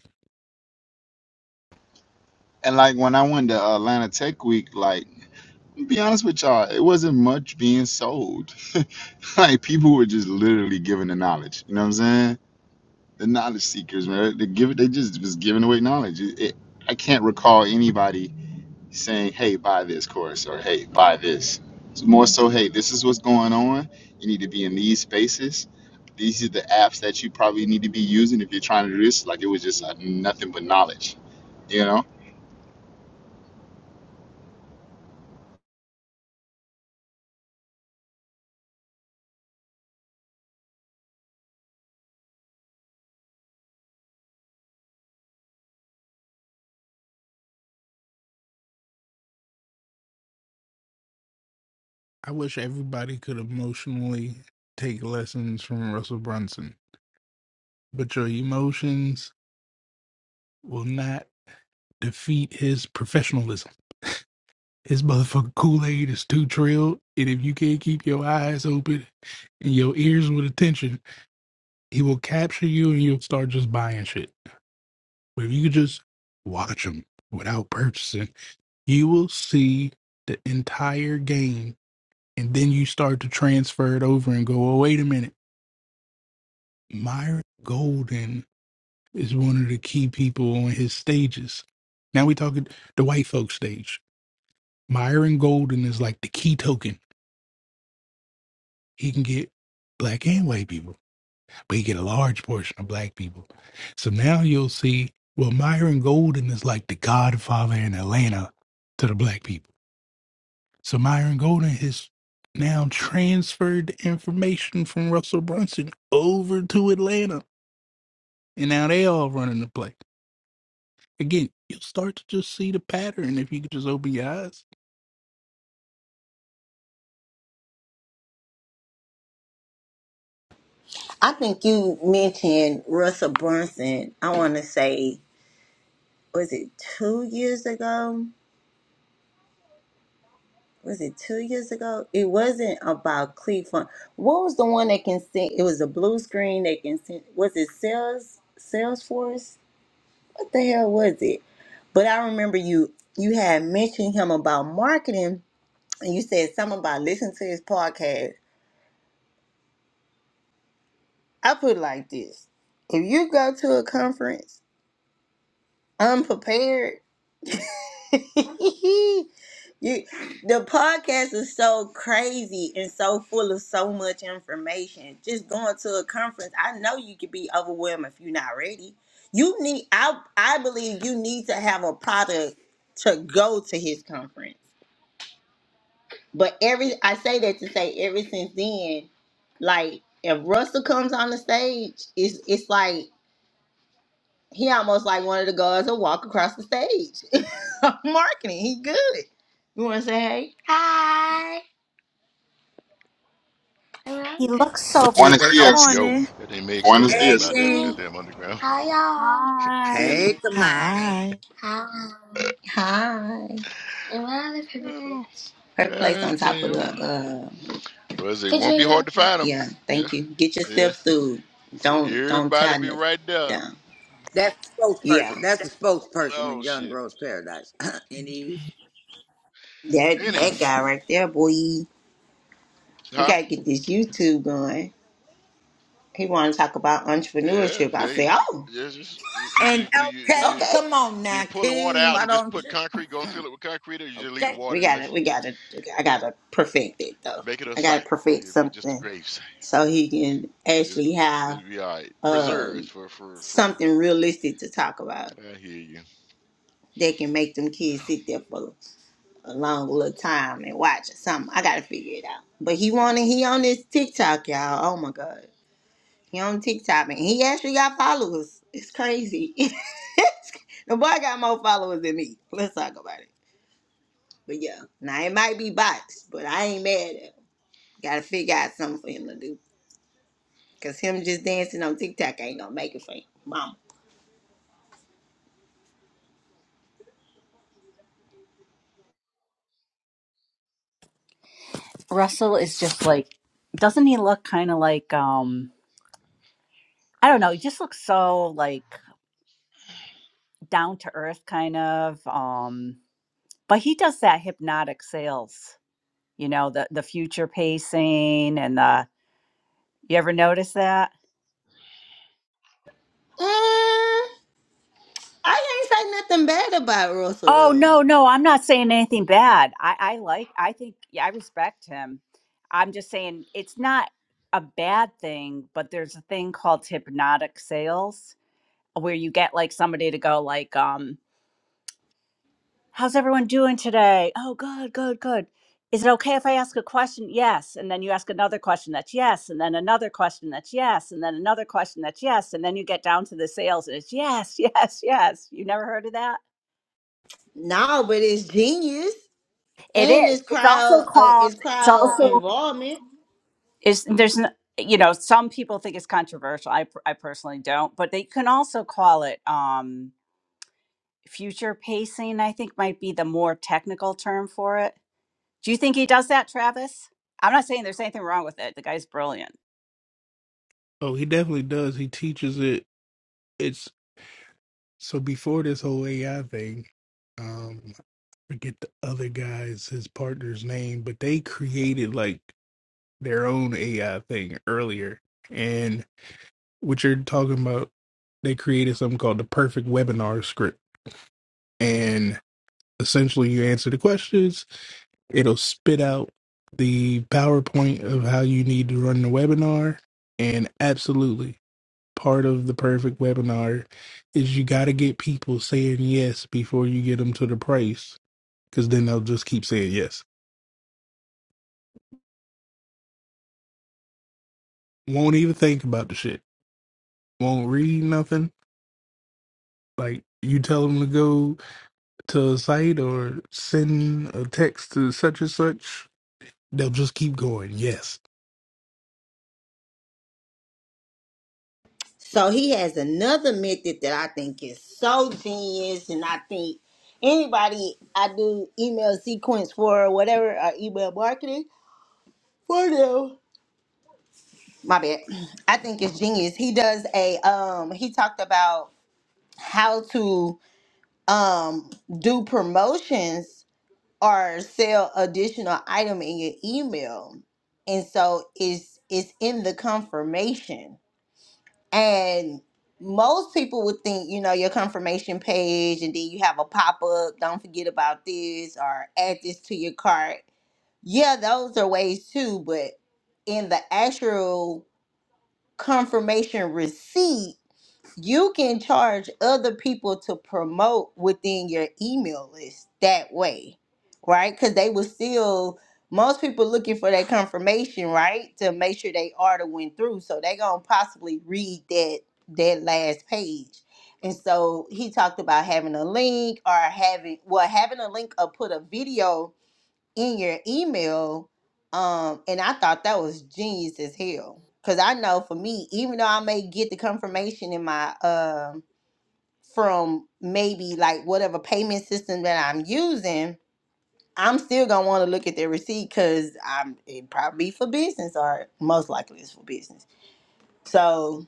Speaker 5: And like when I went to Atlanta Tech Week, like to be honest with y'all, it wasn't much being sold. like people were just literally giving the knowledge. You know what I'm saying? The knowledge seekers, man. They give they just was giving away knowledge. It, it, I can't recall anybody saying, "Hey, buy this course" or "Hey, buy this." It's more so, "Hey, this is what's going on. You need to be in these spaces. These are the apps that you probably need to be using if you're trying to do this." Like it was just uh, nothing but knowledge. You know.
Speaker 8: I wish everybody could emotionally take lessons from Russell Brunson, but your emotions will not defeat his professionalism. His motherfucking Kool Aid is too trilled, and if you can't keep your eyes open and your ears with attention, he will capture you and you'll start just buying shit. But if you could just watch him without purchasing, you will see the entire game, and then you start to transfer it over and go, oh, wait a minute. Myron Golden is one of the key people on his stages. Now we talking the white folk stage. Myron Golden is like the key token. He can get black and white people, but he get a large portion of black people. So now you'll see, well, Myron Golden is like the godfather in Atlanta to the black people. So Myron Golden has now transferred the information from Russell Brunson over to Atlanta. And now they all running the play. again, you'll start to just see the pattern if you could just open your eyes.
Speaker 2: I think you mentioned Russell Brunson. I want to say, was it two years ago? Was it two years ago? It wasn't about Cleveland. What was the one that can send? It was a blue screen that can send. Was it Sales Salesforce? What the hell was it? But I remember you you had mentioned him about marketing, and you said something about listening to his podcast. I put it like this: If you go to a conference Unprepared. you the podcast is so crazy and so full of so much information. Just going to a conference, I know you could be overwhelmed if you're not ready. You need I I believe you need to have a product to go to his conference. But every I say that to say ever since then, like if Russell comes on the stage, it's it's like he almost like wanted to go as a walk across the stage. I'm marking it. he good. You want to say hey? Hi. Hello.
Speaker 9: He
Speaker 2: Good
Speaker 9: looks so
Speaker 5: One is
Speaker 9: related.
Speaker 7: Good
Speaker 5: this.
Speaker 3: Yo.
Speaker 7: morning.
Speaker 3: Goddamn Meg still
Speaker 5: Buenos
Speaker 3: laughing
Speaker 1: Hey,
Speaker 5: dias.
Speaker 3: about that.
Speaker 1: King.
Speaker 2: morning.
Speaker 3: Goddamn underground.
Speaker 2: Hi, y'all. Really?
Speaker 1: Hey, Kamani.
Speaker 7: Hi. And
Speaker 2: Hi. Hi. And what other paper
Speaker 3: oh,
Speaker 2: plates? Her place on top of
Speaker 3: goddamn.
Speaker 2: the uh,
Speaker 3: Well, I say, it won't be
Speaker 2: refrigerator.
Speaker 3: hard to
Speaker 2: Okay.
Speaker 3: find them.
Speaker 2: Yeah.
Speaker 3: Yeah.
Speaker 2: Thank you. Get yourself
Speaker 3: Yeah.
Speaker 2: through.
Speaker 3: I say,
Speaker 2: Don't don't
Speaker 3: everybody
Speaker 2: tie
Speaker 3: be
Speaker 2: nothing
Speaker 3: right there.
Speaker 2: down.
Speaker 1: That's the
Speaker 2: Yeah.
Speaker 1: spokesperson. That's the spokesperson of
Speaker 3: Oh,
Speaker 1: Young
Speaker 3: shit.
Speaker 1: Girls Paradise. it is.
Speaker 2: That
Speaker 3: Anywho.
Speaker 2: that guy right there, boy. We
Speaker 3: Huh?
Speaker 2: gotta get this YouTube going. he wanted to talk about
Speaker 3: Yeah.
Speaker 2: entrepreneurship. I
Speaker 3: Hey,
Speaker 2: said, "Oh,
Speaker 3: there's just, would you,
Speaker 1: And
Speaker 3: do you, do you,
Speaker 1: okay,
Speaker 2: okay.
Speaker 1: come on
Speaker 3: do you
Speaker 1: now,
Speaker 3: pull the water
Speaker 1: King.
Speaker 3: out
Speaker 1: Why
Speaker 3: and just
Speaker 1: don't
Speaker 3: put
Speaker 1: you?
Speaker 3: concrete, go and fill it with concrete, or you just leave the
Speaker 1: Okay.
Speaker 2: We
Speaker 3: water in
Speaker 2: got
Speaker 3: the,
Speaker 2: to We got to I got to perfect it though.
Speaker 3: make it a
Speaker 2: I got to
Speaker 3: site?
Speaker 2: perfect
Speaker 3: It'd be just a
Speaker 2: something
Speaker 3: grave site.
Speaker 2: so he can
Speaker 3: It'd,
Speaker 2: actually have
Speaker 3: it'd be all right. Preserves
Speaker 2: um,
Speaker 3: for, for, for,
Speaker 2: something realistic to talk about
Speaker 3: I hear you.
Speaker 2: that can make them kids sit there for a long little time and watch or something. I got to figure it out. But he wanted he on this TikTok, y'all. Oh my god, he on TikTok and he actually got followers. It's crazy. the boy got more followers than me. Let's talk about it. But yeah, now it might be bots, but I ain't mad at him. Gotta figure out something for him to do. Cause him just dancing on TikTok ain't gonna make it for him. Mama.
Speaker 9: russell is just like doesn't he look kind of like um i don't know he just looks so like down to earth kind of um but he does that hypnotic sales you know the the future pacing and the you ever notice that
Speaker 2: Mm, I ain't say nothing bad about Russell
Speaker 9: Oh
Speaker 2: though.
Speaker 9: no, no, I'm not saying anything bad. I, I like I think yeah, I respect him. I'm just saying it's not a bad thing, but there's a thing called hypnotic sales where you get like somebody to go like, um, how's everyone doing today? Oh good, good, good. Is it okay if I ask a question? Yes. And then you ask another question that's yes, and then another question that's yes, and then another question that's yes, and then you get down to the sales and it's yes, yes, yes. You never heard of that?
Speaker 2: No, but it's genius
Speaker 9: It
Speaker 2: and
Speaker 9: is.
Speaker 2: it's
Speaker 9: It's also
Speaker 2: crowd, uh,
Speaker 9: called.
Speaker 2: it's
Speaker 9: It's
Speaker 2: crowd
Speaker 9: also
Speaker 2: involvement.
Speaker 9: is there's n- you know some people think it's controversial. I per- I personally don't, but they can also call it um future pacing. I think might be the more technical term for it. Do you think he does that, Travis? I'm not saying there's anything wrong with it. The guy's brilliant.
Speaker 8: Oh, he definitely does. He teaches it. It's so before this whole AI thing, um, forget the other guy's his partner's name, but they created like their own AI thing earlier. And what you're talking about, they created something called the perfect webinar script. And essentially you answer the questions It'll spit out the PowerPoint of how you need to run the webinar. And absolutely, part of the perfect webinar is you got to get people saying yes before you get them to the price, because then they'll just keep saying yes. Won't even think about the shit, won't read nothing. Like, you tell them to go to a site or send a text to such and such, they'll just keep going. Yes.
Speaker 2: So he has another method that I think is so genius, and I think anybody I do email sequence for or whatever or email marketing for them. my bad. I think it's genius. He does a um he talked about how to um do promotions or sell additional item in your email. And so it's it's in the confirmation. And most people would think, you know, your confirmation page and then you have a pop-up, don't forget about this or add this to your cart. Yeah, those are ways too, but in the actual confirmation receipt, you can charge other people to promote within your email list that way, right? Because they will still, most people looking for that confirmation, right? To make sure they order went through. So they going to possibly read that, that last page. And so he talked about having a link or having, well, having a link or put a video in your email. Um, and I thought that was genius as hell. Cause I know for me, even though I may get the confirmation in my um from maybe like whatever payment system that I'm using, I'm still gonna want to look at the receipt because I'm it probably for business or most likely it's for business. So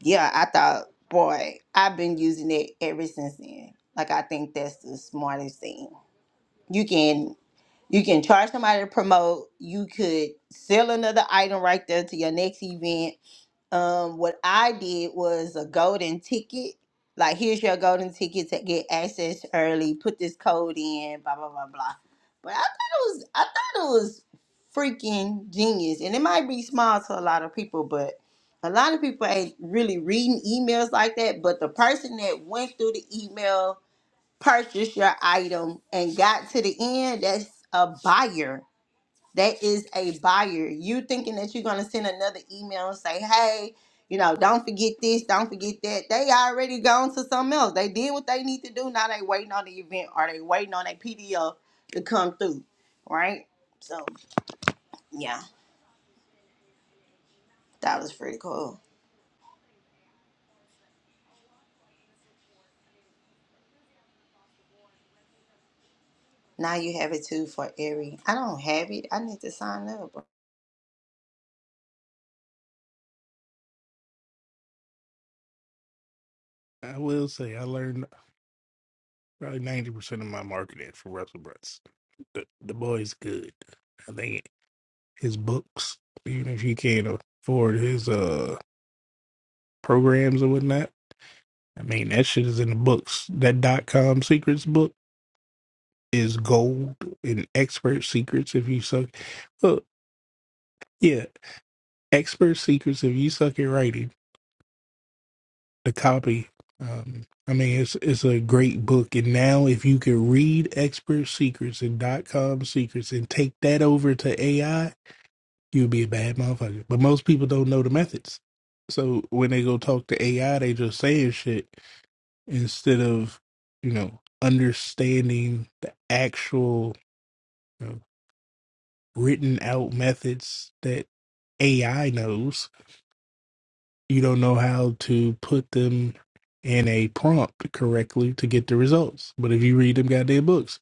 Speaker 2: yeah, I thought, boy, I've been using it ever since then. Like I think that's the smartest thing. You can You can charge somebody to promote. You could sell another item right there to your next event. Um, what I did was a golden ticket. Like, here's your golden ticket to get access early. Put this code in. Blah blah blah blah. But I thought it was I thought it was freaking genius, and it might be small to a lot of people, but a lot of people ain't really reading emails like that. But the person that went through the email purchased your item and got to the end, that's a buyer. That is a buyer. You thinking that you're gonna send another email and say, hey, you know, don't forget this, don't forget that. They already gone to something else. They did what they need to do. Now they waiting on the event or they waiting on a PDF to come through. Right? So yeah, that was pretty cool. Now you have it too for every. I don't have it. I need to sign up.
Speaker 8: I will say I learned probably 90% of my marketing from Russell Brunson. the, the boy's good. I think his books, even if he can't afford his uh programs or whatnot, I mean that shit is in the books. That dot com secrets book is gold and expert secrets if you suck. Well, yeah, expert secrets if you suck at writing. The copy. Um, I mean, it's it's a great book, and now if you can read expert secrets and dot com secrets and take that over to AI. you'll be a bad motherfucker. But most people don't know the methods. So when they go talk to AI, they just saying shit instead of, you know, understanding the actual you know, written out methods that AI knows. You don't know how to put them in a prompt correctly to get the results. But if you read them goddamn books,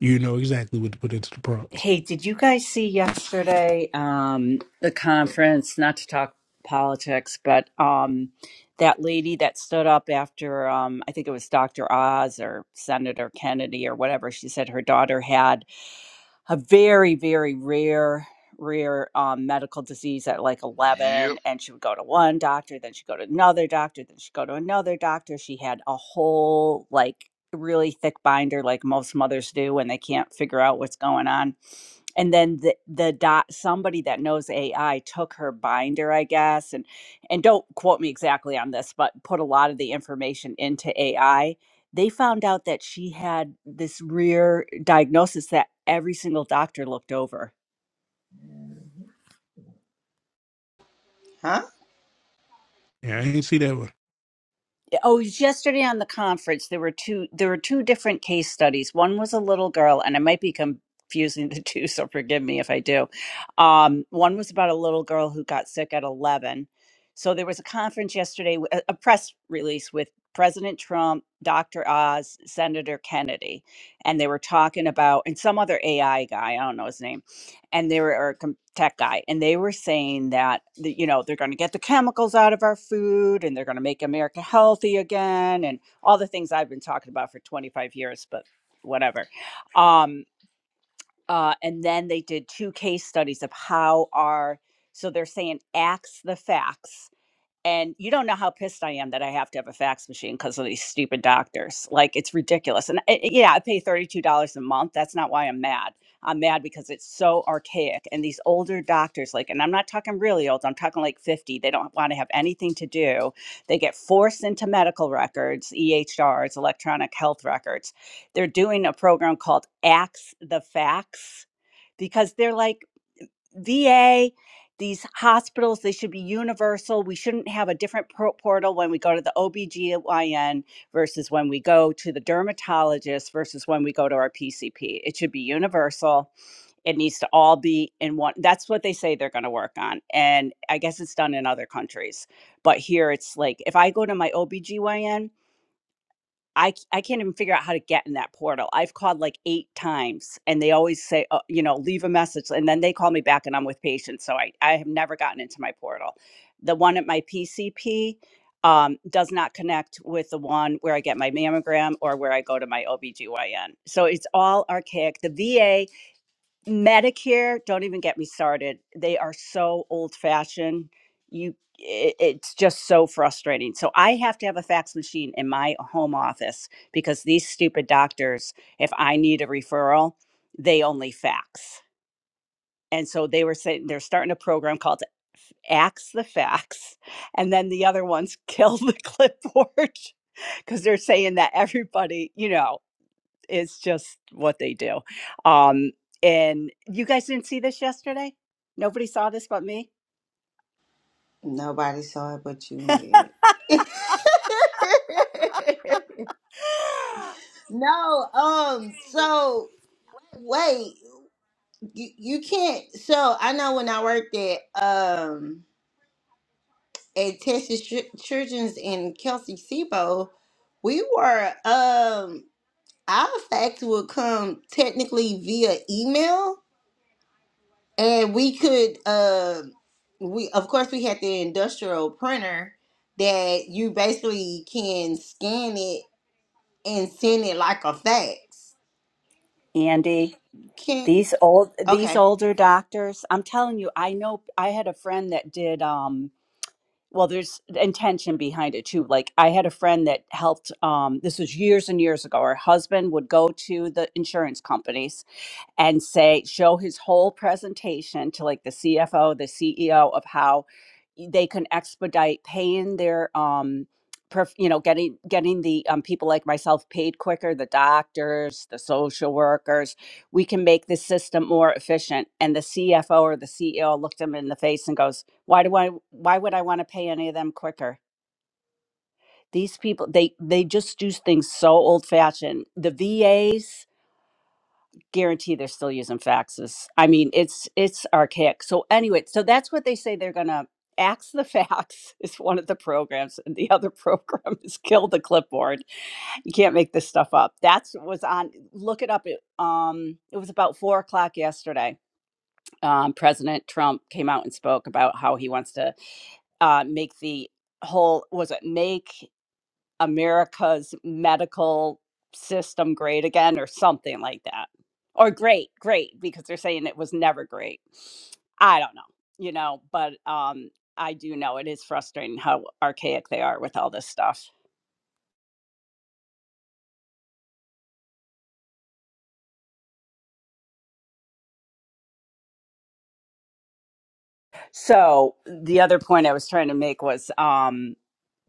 Speaker 8: you know exactly what to put into the prompts.
Speaker 9: Hey, did you guys see yesterday um, the conference? Not to talk politics, but um, that lady that stood up after um, I think it was Dr. Oz or Senator Kennedy or whatever. She said her daughter had a very very rare rare um, medical disease at like
Speaker 3: Yep.
Speaker 9: 11 and she would go to one doctor then she'd go to another doctor then she'd go to another doctor she had a whole like really thick binder like most mothers do when they can't figure out what's going on and then the the doc somebody that knows ai took her binder i guess and and don't quote me exactly on this but put a lot of the information into ai they found out that she had this rare diagnosis that every single doctor looked over.
Speaker 2: Huh?
Speaker 8: Yeah, I ain't see that one.
Speaker 9: Yeah, Oh, it was yesterday on the conference there were two there were two different case studies. One was a little girl and I might be confusing the two so forgive me if I do. Um one was about a little girl who got sick at 11. So there was a conference yesterday w- a a press release with President Trump, Dr. Oz, Senator Kennedy, and they were talking about and some other AI guy, I don't know his name and they were or a com- tech guy and they were saying that the, you know they're going to get the chemicals out of our food and they're going to make america healthy again and all the things i've been talking about for 25 years but whatever um uh and then they did two case studies of how our so they're saying axe the facts and you don't know how pissed I am that I have to have a fax machine because of these stupid doctors. Like it's ridiculous. And I, yeah, I pay $32 a month. That's not why I'm mad. I'm mad because it's so archaic. And these older doctors, like, and I'm not talking really old, I'm talking like 50, they don't want to have anything to do. They get forced into medical records, EHRs, electronic health records. They're doing a program called Axe the Fax because they're like, VA, these hospitals, they should be universal. We shouldn't have a different pro- portal when we go to the OBGYN versus when we go to the dermatologist versus when we go to our PCP. It should be universal. It needs to all be in one. That's what they say they're going to work on. And I guess it's done in other countries. But here it's like if I go to my OBGYN, I c- I can't even figure out how to get in that portal. I've called like eight times, and they always say, uh, you know, leave a message, and then they call me back, and I'm with patients. So I I have never gotten into my portal. The one at my PCP um, does not connect with the one where I get my mammogram or where I go to my OBGYN. So it's all archaic. The VA Medicare, don't even get me started. They are so old fashioned. You, it, it's just so frustrating. So I have to have a fax machine in my home office because these stupid doctors, if I need a referral, they only fax. And so they were saying they're starting a program called Axe the Fax, and then the other ones kill the clipboard because they're saying that everybody, you know it's just what they do. Um, and you guys didn't see this yesterday? Nobody saw this but me.
Speaker 2: Nobody saw it but you, man. No, um, so wait, you, you can't. So I know when I worked at um at Texas Chil- Children's in Kelsey Sibo, we were um our fax would come technically via email, and we could um we of course we had the industrial printer that you basically can scan it and send it like a fax.
Speaker 9: Andy,
Speaker 2: Can
Speaker 9: these old these
Speaker 2: okay,
Speaker 9: older doctors, I'm telling you, I know I had a friend that did um well there's intention behind it too. Like I had a friend that helped um this was years and years ago. Her husband would go to the insurance companies and say show his whole presentation to like the CFO, the CEO of how they can expedite paying their um perf- you know getting getting the um, people like myself paid quicker the doctors the social workers we can make the system more efficient and the cfo or the ceo looked him in the face and goes why do i why would i want to pay any of them quicker these people they they just do things so old fashioned the vas guarantee they're still using faxes. I mean, it's it's archaic. So anyway, so that's what they say they're gonna axe the fax is one of the programs, and the other program is kill the clipboard. You can't make this stuff up. That's was on. Look it up. It um it was about four o'clock yesterday. Um, President Trump came out and spoke about how he wants to uh, make the whole was it make America's medical system great again or something like that. Or great, great, because they're saying it was never great. I don't know, you know, but um I do know it is frustrating how archaic they are with all this stuff. So the other point I was trying to make was um,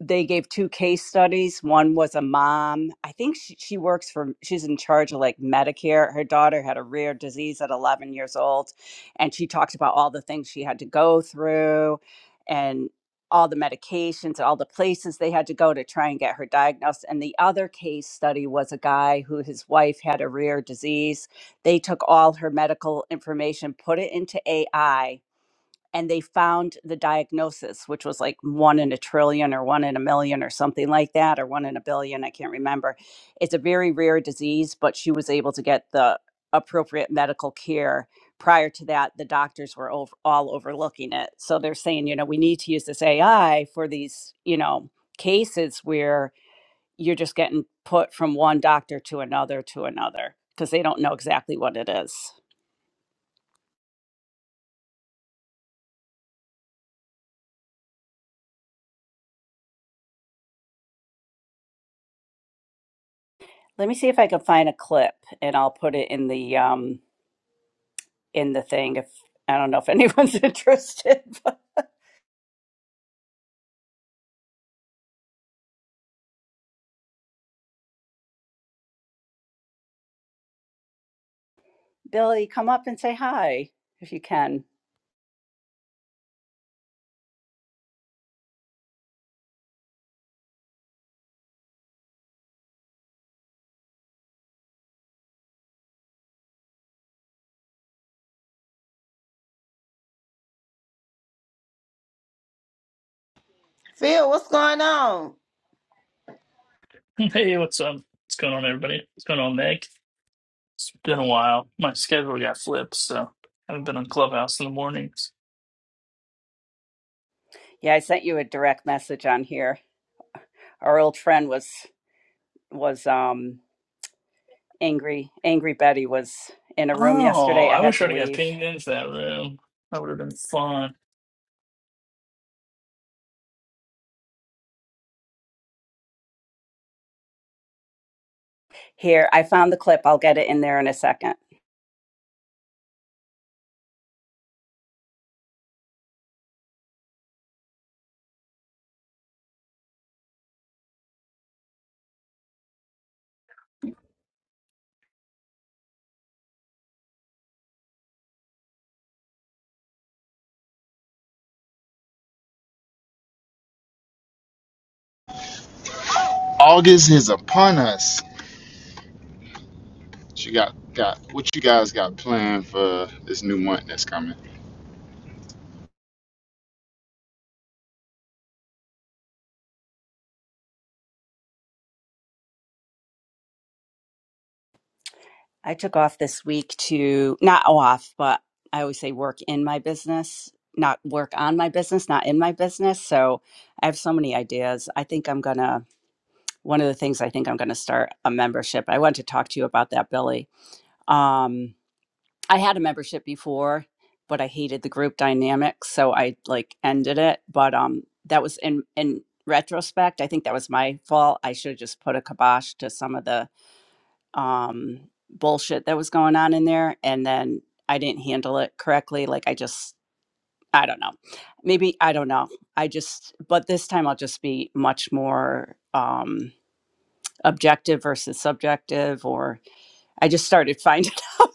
Speaker 9: they gave two case studies. One was a mom. I think she, she works for, she's in charge of like Medicare. Her daughter had a rare disease at 11 years old. And she talked about all the things she had to go through and all the medications and all the places they had to go to try and get her diagnosed. And the other case study was a guy who his wife had a rare disease. They took all her medical information, put it into AI and they found the diagnosis, which was like one in a trillion or one in a million or something like that, or one in a billion. I can't remember. It's a very rare disease, but she was able to get the appropriate medical care. Prior to that, the doctors were over, all overlooking it. So they're saying, you know, we need to use this AI for these, you know, cases where you're just getting put from one doctor to another to another because they don't know exactly what it is. Let me see if I can find a clip and I'll put it in the um, in the thing. If I don't know if anyone's interested, but Billy, come up and say hi if you can.
Speaker 2: Phil, what's going on?
Speaker 10: Hey, what's up? What's going on, everybody? What's going on, Meg? It's been a while. My schedule got flipped, so I haven't been on Clubhouse in the mornings.
Speaker 9: Yeah, I sent you a direct message on here. Our old friend was was um angry. Angry Betty was in a room
Speaker 10: Oh,
Speaker 9: yesterday. I
Speaker 10: I
Speaker 9: had
Speaker 10: wish
Speaker 9: to
Speaker 10: I'd have got
Speaker 9: leave.
Speaker 10: pinged into that room. That would have been fun.
Speaker 9: Here, I found the clip. I'll get it in there in a second.
Speaker 5: August is upon us. What you got got what you guys got planned for this new month that's coming?
Speaker 9: I took off this week to not off, but I always say work in my business, not work on my business, not in my business. So I have so many ideas. I think I'm gonna one of the things I think I'm going to start a membership. I want to talk to you about that, Billy. Um, I had a membership before, but I hated the group dynamic, so I like ended it. But um, that was in in retrospect, I think that was my fault. I should have just put a kibosh to some of the um, bullshit that was going on in there, and then I didn't handle it correctly. Like I just, I don't know. Maybe I don't know. I just, but this time I'll just be much more. Um, objective versus subjective or i just started finding out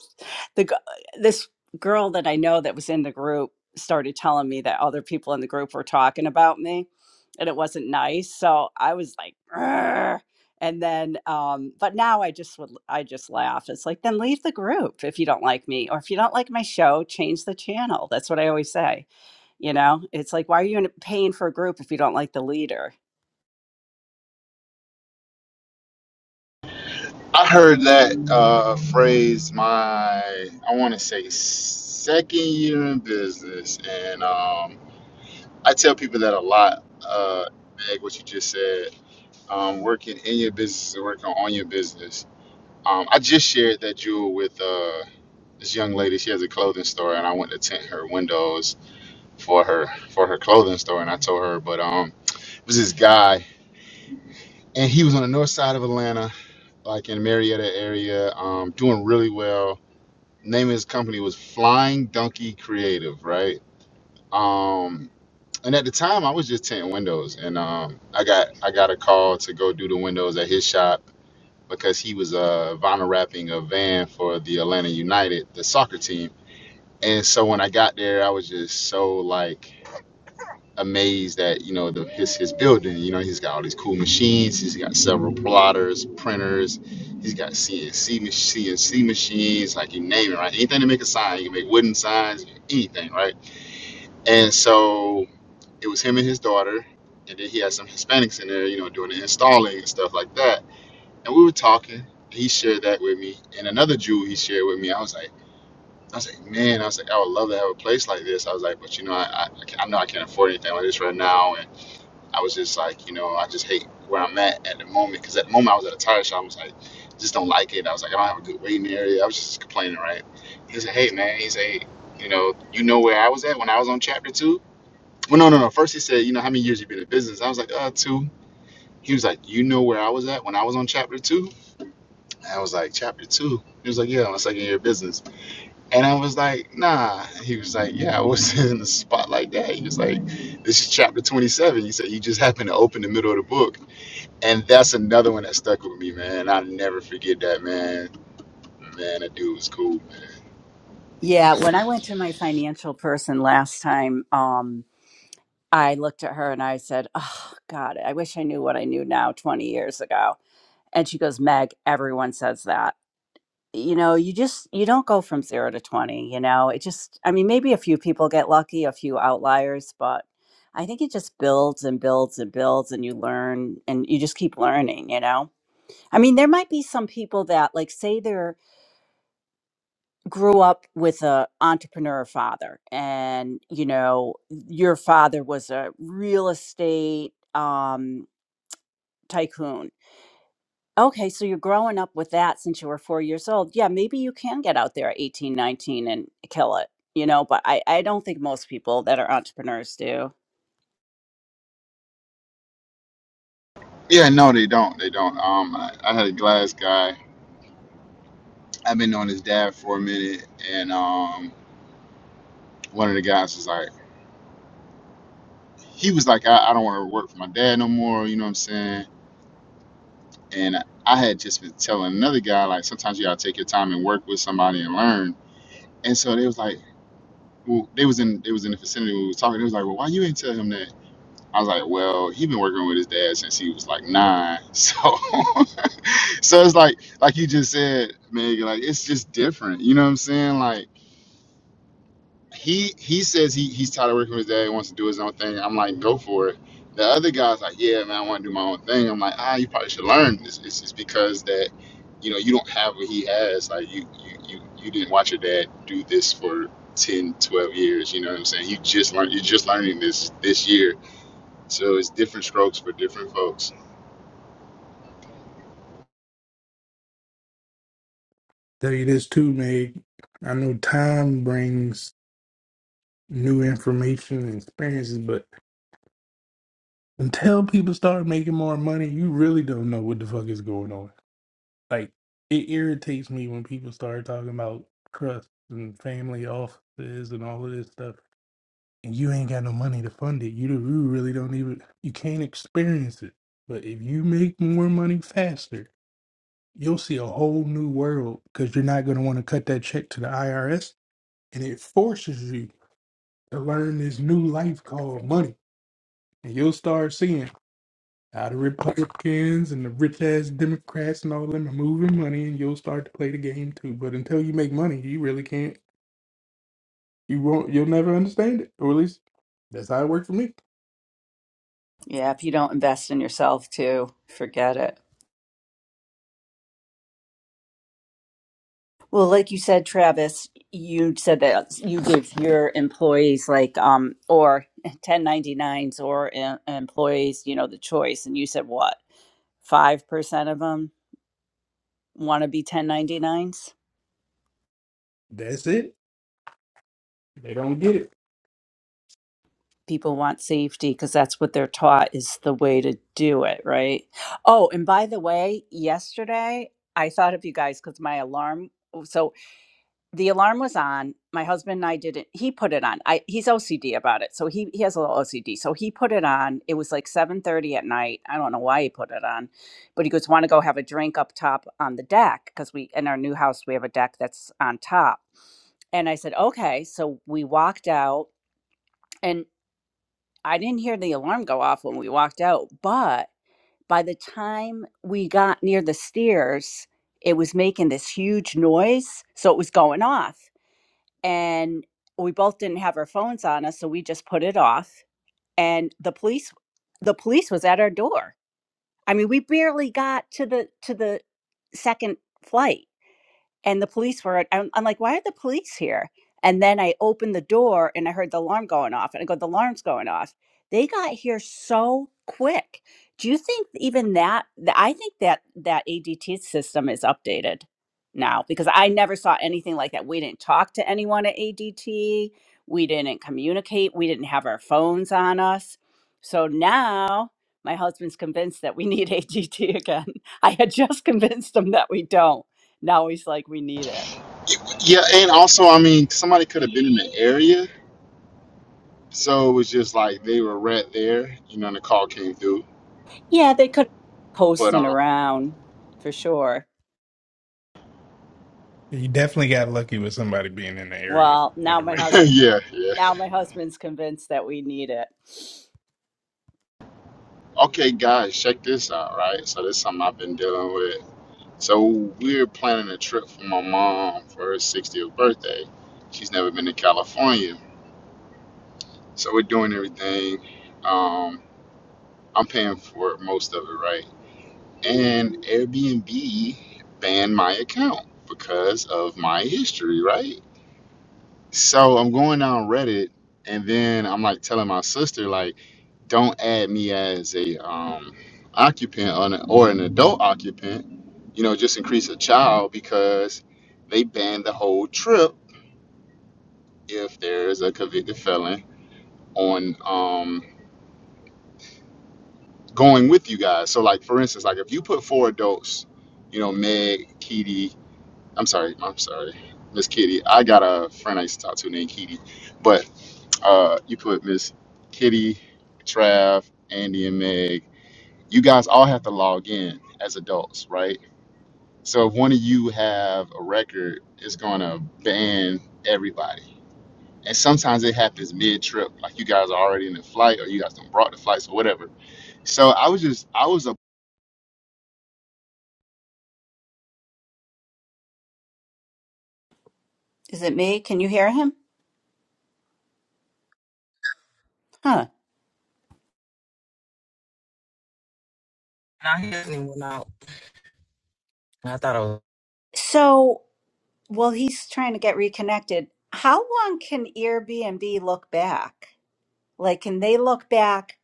Speaker 9: the g- this girl that i know that was in the group started telling me that other people in the group were talking about me and it wasn't nice so i was like "Grr." and then um but now i just would i just laugh it's like then leave the group if you don't like me or if you don't like my show change the channel that's what i always say you know it's like why are you in- paying for a group if you don't like the leader
Speaker 5: I heard that uh, phrase my I want to say second year in business, and um, I tell people that a lot. Uh, Meg, what you just said, um, working in your business and working on your business. Um, I just shared that jewel with uh, this young lady. She has a clothing store, and I went to tint her windows for her for her clothing store and I told her but um it was this guy and he was on the north side of Atlanta like in Marietta area um doing really well name of his company was Flying Donkey Creative right um and at the time I was just tinting windows and um I got I got a call to go do the windows at his shop because he was uh vinyl wrapping a van for the Atlanta United the soccer team and so when I got there I was just so like amazed at you know the, his his building. You know he's got all these cool machines. He's got several plotters, printers. He's got CNC mach- CNC machines. Like you name it, right? Anything to make a sign, you can make wooden signs, anything, right? And so it was him and his daughter, and then he had some Hispanics in there, you know, doing the installing and stuff like that. And we were talking. He shared that with me, and another Jew he shared with me. I was like. I was like, man, I was like, I would love to have a place like this. I was like, but you know, I, I, I know I can't afford anything like this right now, and. I was just like, you know, I just hate where I'm at at the moment. Because at the moment I was at a tire shop, I was like, just don't like it. I was like, I don't have a good waiting area. I was just complaining, right? He said, hey man, he said, you know, you know where I was at when I was on chapter two. Well, no, no, no. First he said, you know, how many years you been in business? I was like, uh, two. He was like, you know where I was at when I was on chapter two. And I was like, chapter two. He was like, yeah, my second year of business. And I was like, nah. He was like, yeah, I was in a spot like that. He was like, this is chapter 27. He said, you just happened to open the middle of the book and that's another one that stuck with me, man. I never forget that, man. Man, that dude was cool, man.
Speaker 9: Yeah, when I went to my financial person last time, um, I looked at her and I said, "Oh God, I wish I knew what I knew now 20 years ago." And she goes, "Meg, everyone says that. You know, you just you don't go from 0 to 20, you know. It just I mean, maybe a few people get lucky, a few outliers, but I think it just builds and builds and builds and you learn and you just keep learning, you know. I mean, there might be some people that like say they're grew up with a entrepreneur father and you know your father was a real estate um tycoon okay so you're growing up with that since you were four years old yeah maybe you can get out there at 18, 19, and kill it you know but i i don't think most people that are entrepreneurs do
Speaker 5: Yeah, no, they don't. They don't. Um, I, I had a glass guy. I've been knowing his dad for a minute, and um, one of the guys was like, he was like, I, I don't want to work for my dad no more. You know what I'm saying? And I, I had just been telling another guy like, sometimes you gotta take your time and work with somebody and learn. And so they was like, well, they was in they was in the vicinity. When we was talking. They was like, well, why you ain't tell him that? I was like, well, he been working with his dad since he was like nine. So so it's like like you just said, Meg, like it's just different. You know what I'm saying? Like he he says he he's tired of working with his dad, wants to do his own thing. I'm like, go for it. The other guy's like, yeah, man, I want to do my own thing. I'm like, ah, you probably should learn. It's, it's just because that, you know, you don't have what he has. Like you you you you didn't watch your dad do this for 10, 12 years. You know what I'm saying? You just learned you're just learning this this year so it's different strokes for different folks.
Speaker 8: Tell you this too, Meg. I know time brings new information and experiences, but until people start making more money, you really don't know what the fuck is going on. Like it irritates me when people start talking about trusts and family offices and all of this stuff, and you ain't got no money to fund it. You do, you really don't even you can't experience it. But if you make more money faster, you'll see a whole new world because you're not going to want to cut that check to the IRS, and it forces you to learn this new life called money and you'll start seeing How the Republicans and the rich ass Democrats and all them are moving money, and you'll start to play the game too. But until you make money, you really can't. You won't. You'll never understand it, or at least that's how it worked for me.
Speaker 9: Yeah, if you don't invest in yourself too, forget it. Well, like you said, Travis, you said that you give your employees like um or 1099s or em- employees, you know, the choice and you said what? 5% of them want to be 1099s.
Speaker 8: That's it. They don't get it.
Speaker 9: People want safety because that's what they're taught is the way to do it, right? Oh, and by the way, yesterday I thought of you guys cuz my alarm so. the alarm was on. My husband and I didn't. He put it on. I he's OCD about it, so he he has a little OCD. So he put it on. It was like seven thirty at night. I don't know why he put it on, but he goes want to go have a drink up top on the deck because we in our new house we have a deck that's on top. And I said okay. So we walked out, and I didn't hear the alarm go off when we walked out, but by the time we got near the stairs, it was making this huge noise. So it was going off and we both didn't have our phones on us so we just put it off and the police the police was at our door i mean we barely got to the to the second flight and the police were I'm, I'm like why are the police here and then i opened the door and i heard the alarm going off and i go the alarm's going off they got here so quick do you think even that th- i think that that adt system is updated now because i never saw anything like that we didn't talk to anyone at adt we didn't communicate we didn't have our phones on us so now my husband's convinced that we need adt again i had just convinced him that we don't now he's like, we need it.
Speaker 5: Yeah, and also, I mean, somebody could have been in the area, so it was just like they were right there, you know, and the call came through.
Speaker 9: Yeah, they could have been
Speaker 5: But
Speaker 9: coasting
Speaker 5: um,
Speaker 9: around for sure.
Speaker 8: You definitely got lucky with somebody being in the area
Speaker 9: Well,
Speaker 8: at
Speaker 9: now
Speaker 8: the
Speaker 9: my
Speaker 8: right
Speaker 9: husband,
Speaker 8: time.
Speaker 5: yeah, yeah.
Speaker 9: now my husband's convinced that we need it.
Speaker 5: Okay, guys, check this out, right? So this is something I've been dealing with. So we're planning a trip for my mom for her 60th birthday. She's never been to California, so we're doing everything. Um, I'm paying for most of it, right? and Airbnb banned my account because of my history, right? So I'm going down Reddit and then I'm like telling my sister like don't add me as a um occupant or an, or an adult occupant, you know, just increase a child because they ban the whole trip if there's a convicted felon on um going with you guys. So like for instance, like if you put four adults, you know, Meg, Kitty, I'm sorry, I'm sorry, Miss Kitty. I got a friend I used to talk to named Kitty, but uh, you put Miss Kitty, Trav, Andy, and Meg. You guys all have to log in as adults, right? So if one of you have a record, it's gonna ban everybody. And sometimes it happens mid-trip, like you guys are already in the flight, or you guys done brought the flights or whatever. So I was just, I was a,
Speaker 9: Is it me? Can you hear him? Huh.
Speaker 7: I hear anyone out. I thought I was.
Speaker 9: So, well, he's trying to get reconnected. How long can Airbnb look back? Like, can they look back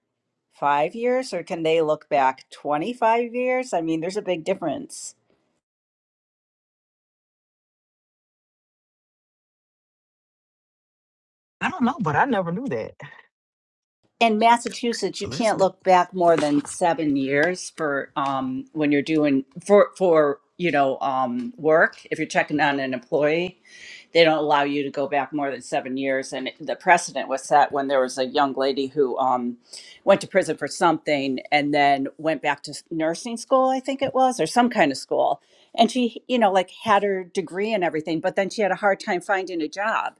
Speaker 9: five years or can they look back 25 years? I mean, there's a big difference.
Speaker 7: I don't know, but I never knew that.
Speaker 9: in Massachusetts, you
Speaker 7: So that's
Speaker 9: can't
Speaker 7: good.
Speaker 9: look back more than seven years for um, when you're doing for for you know um, work if you're checking on an employee they don't allow you to go back more than seven years. And it- the precedent was set when there was a young lady who um, went to prison for something and then went back to s- nursing school, I think it was, or some kind of school. And she, you know, like had her degree and everything, but then she had a hard time finding a job.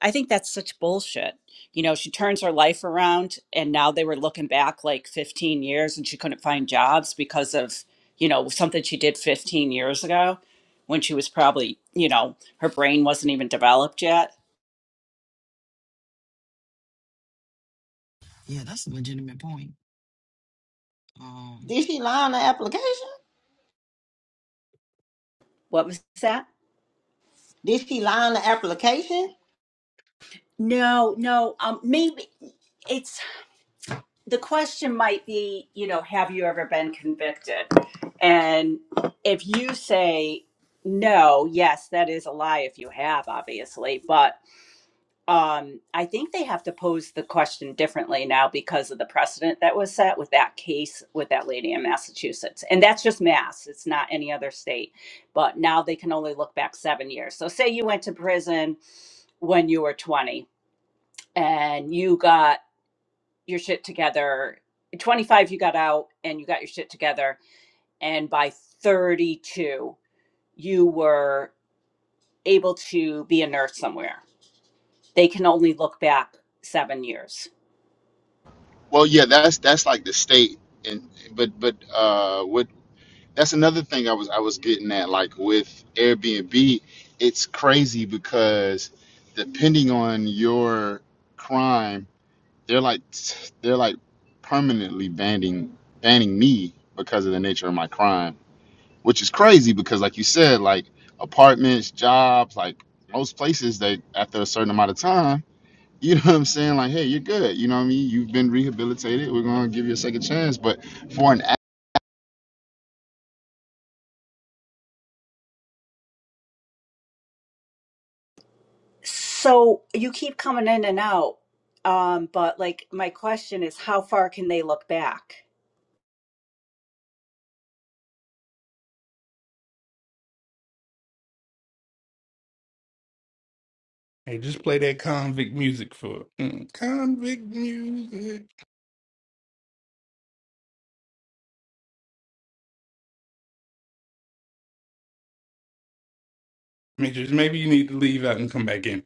Speaker 9: I think that's such bullshit. You know, she turns her life around and now they were looking back like 15 years and she couldn't find jobs because of, you know, something she did 15 years ago when she was probably, you know, her brain wasn't even developed yet.
Speaker 7: Yeah, that's a legitimate point. Um,
Speaker 2: Did she lie on the application?
Speaker 9: What was that?
Speaker 2: Did she lie on the application?
Speaker 9: No, no. Um, maybe it's the question might be, you know, have you ever been convicted? And if you say no, yes, that is a lie if you have, obviously, but um, I think they have to pose the question differently now because of the precedent that was set with that case with that lady in Massachusetts. And that's just Mass, it's not any other state. But now they can only look back seven years. So, say you went to prison when you were 20 and you got your shit together. At 25, you got out and you got your shit together. And by 32, you were able to be a nurse somewhere. They can only look back seven years
Speaker 5: well, yeah, that's that's like the state, and but but uh, what that's another thing I was I was getting at. Like with Airbnb, it's crazy because depending on your crime, they're like they're like permanently banning banning me because of the nature of my crime, which is crazy because like you said, like apartments, jobs, like most places they after a certain amount of time, you know what I'm saying? Like, hey, you're good. You know what I mean? You've been rehabilitated. We're gonna give you a second chance. But for an
Speaker 9: So you keep coming in and out, um, but like my question is, how far can they look back?
Speaker 8: Hey, just play that convict music for mm, convict music. Demetrius, maybe you need to leave out and come back in.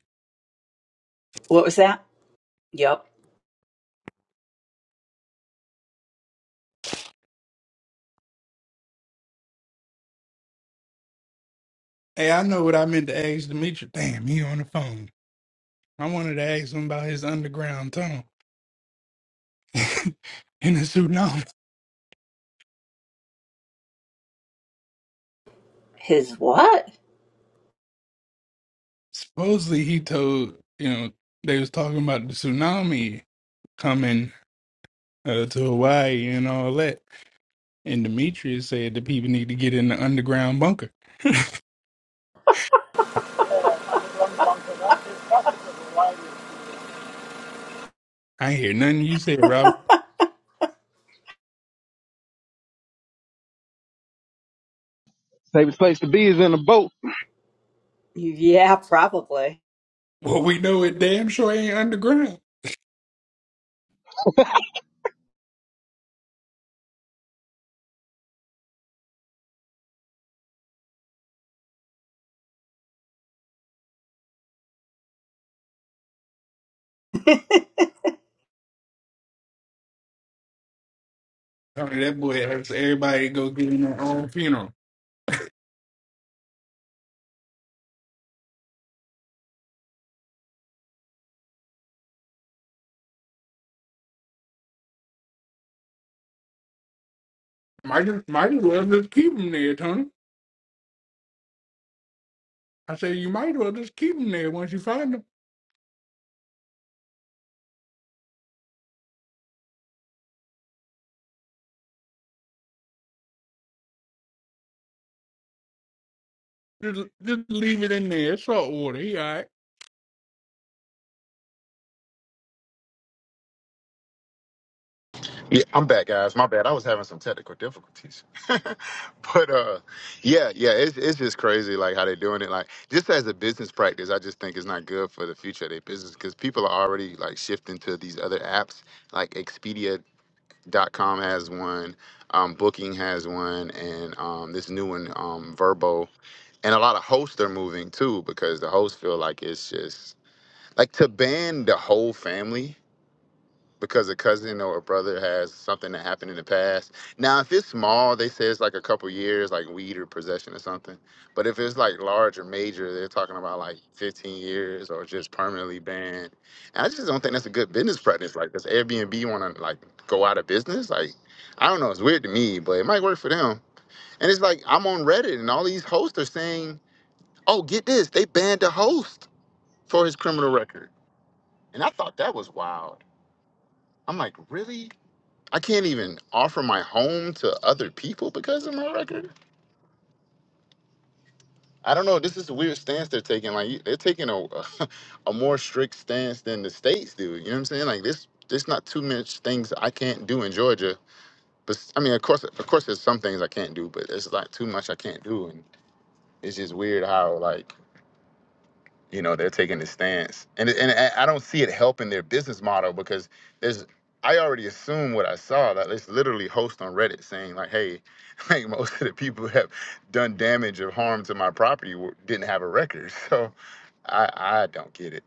Speaker 9: What was that? Yep.
Speaker 8: Hey, I know what I meant to ask Demetrius. Damn, he on the phone. I wanted to ask him about his underground tunnel. in the tsunami.
Speaker 9: His what?
Speaker 8: Supposedly he told you know they was talking about the tsunami coming uh, to Hawaii and all that. And Demetrius said the people need to get in the underground bunker.
Speaker 11: underground bunker. That, there's pockets of variety
Speaker 8: I ain't hear nothing you said, Robert.
Speaker 12: Safest place to be is in a boat.
Speaker 9: Yeah, probably.
Speaker 8: Well, we know it damn sure ain't underground. I mean, that boy has everybody go get in their own funeral. Might as, might as well just keep them there, Tony. I said you might as well just keep them there once you find them. Just, just leave it in there, It's salt water. He all right.
Speaker 5: Yeah, I'm back, guys. My bad. I was having some technical difficulties, but uh, yeah, yeah, it's it's just crazy like how they're doing it. Like just as a business practice, I just think it's not good for the future of their business because people are already like shifting to these other apps. Like Expedia.com has one, um, Booking has one, and um, this new one, um, Verbo, and a lot of hosts are moving too because the hosts feel like it's just like to ban the whole family because a cousin or a brother has something that happened in the past. Now, if it's small, they say it's like a couple years, like weed or possession or something. But if it's like large or major, they're talking about like 15 years or just permanently banned. And I just don't think that's a good business practice. Like, does Airbnb want to like go out of business? Like, I don't know. It's weird to me, but it might work for them. And it's like I'm on Reddit, and all these hosts are saying, "Oh, get this, they banned the host for his criminal record." And I thought that was wild. I'm like, really? I can't even offer my home to other people because of my record. I don't know. This is a weird stance they're taking. Like you- they're taking a a more strict stance than the states do. You know what I'm saying? Like this, there's not too much things I can't do in Georgia. But I mean, of course, of course, there's some things I can't do, but there's like too much I can't do, and it's just weird how like you know they're taking a stance and and i I don't see it helping their business model because there's i already assume what i saw that it's literally host on reddit saying like hey like most of the people who have done damage or harm to my property were- didn't have a record so i i don't get it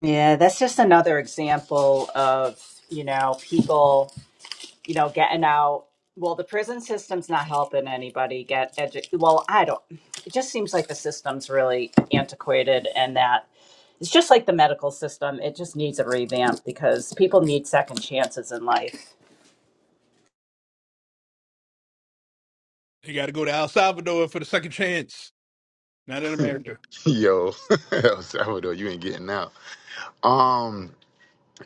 Speaker 9: Yeah, that's just another example of, you know, people. you know, getting out. Well, the prison system's not helping anybody get educated. Well, I don't. It just seems like the system's really antiquated, and that it's just like the medical system. It just needs a revamp because people need second chances in life.
Speaker 8: You got to go to El Salvador for the second chance, not in America.
Speaker 5: yo el salvador you ain't getting out um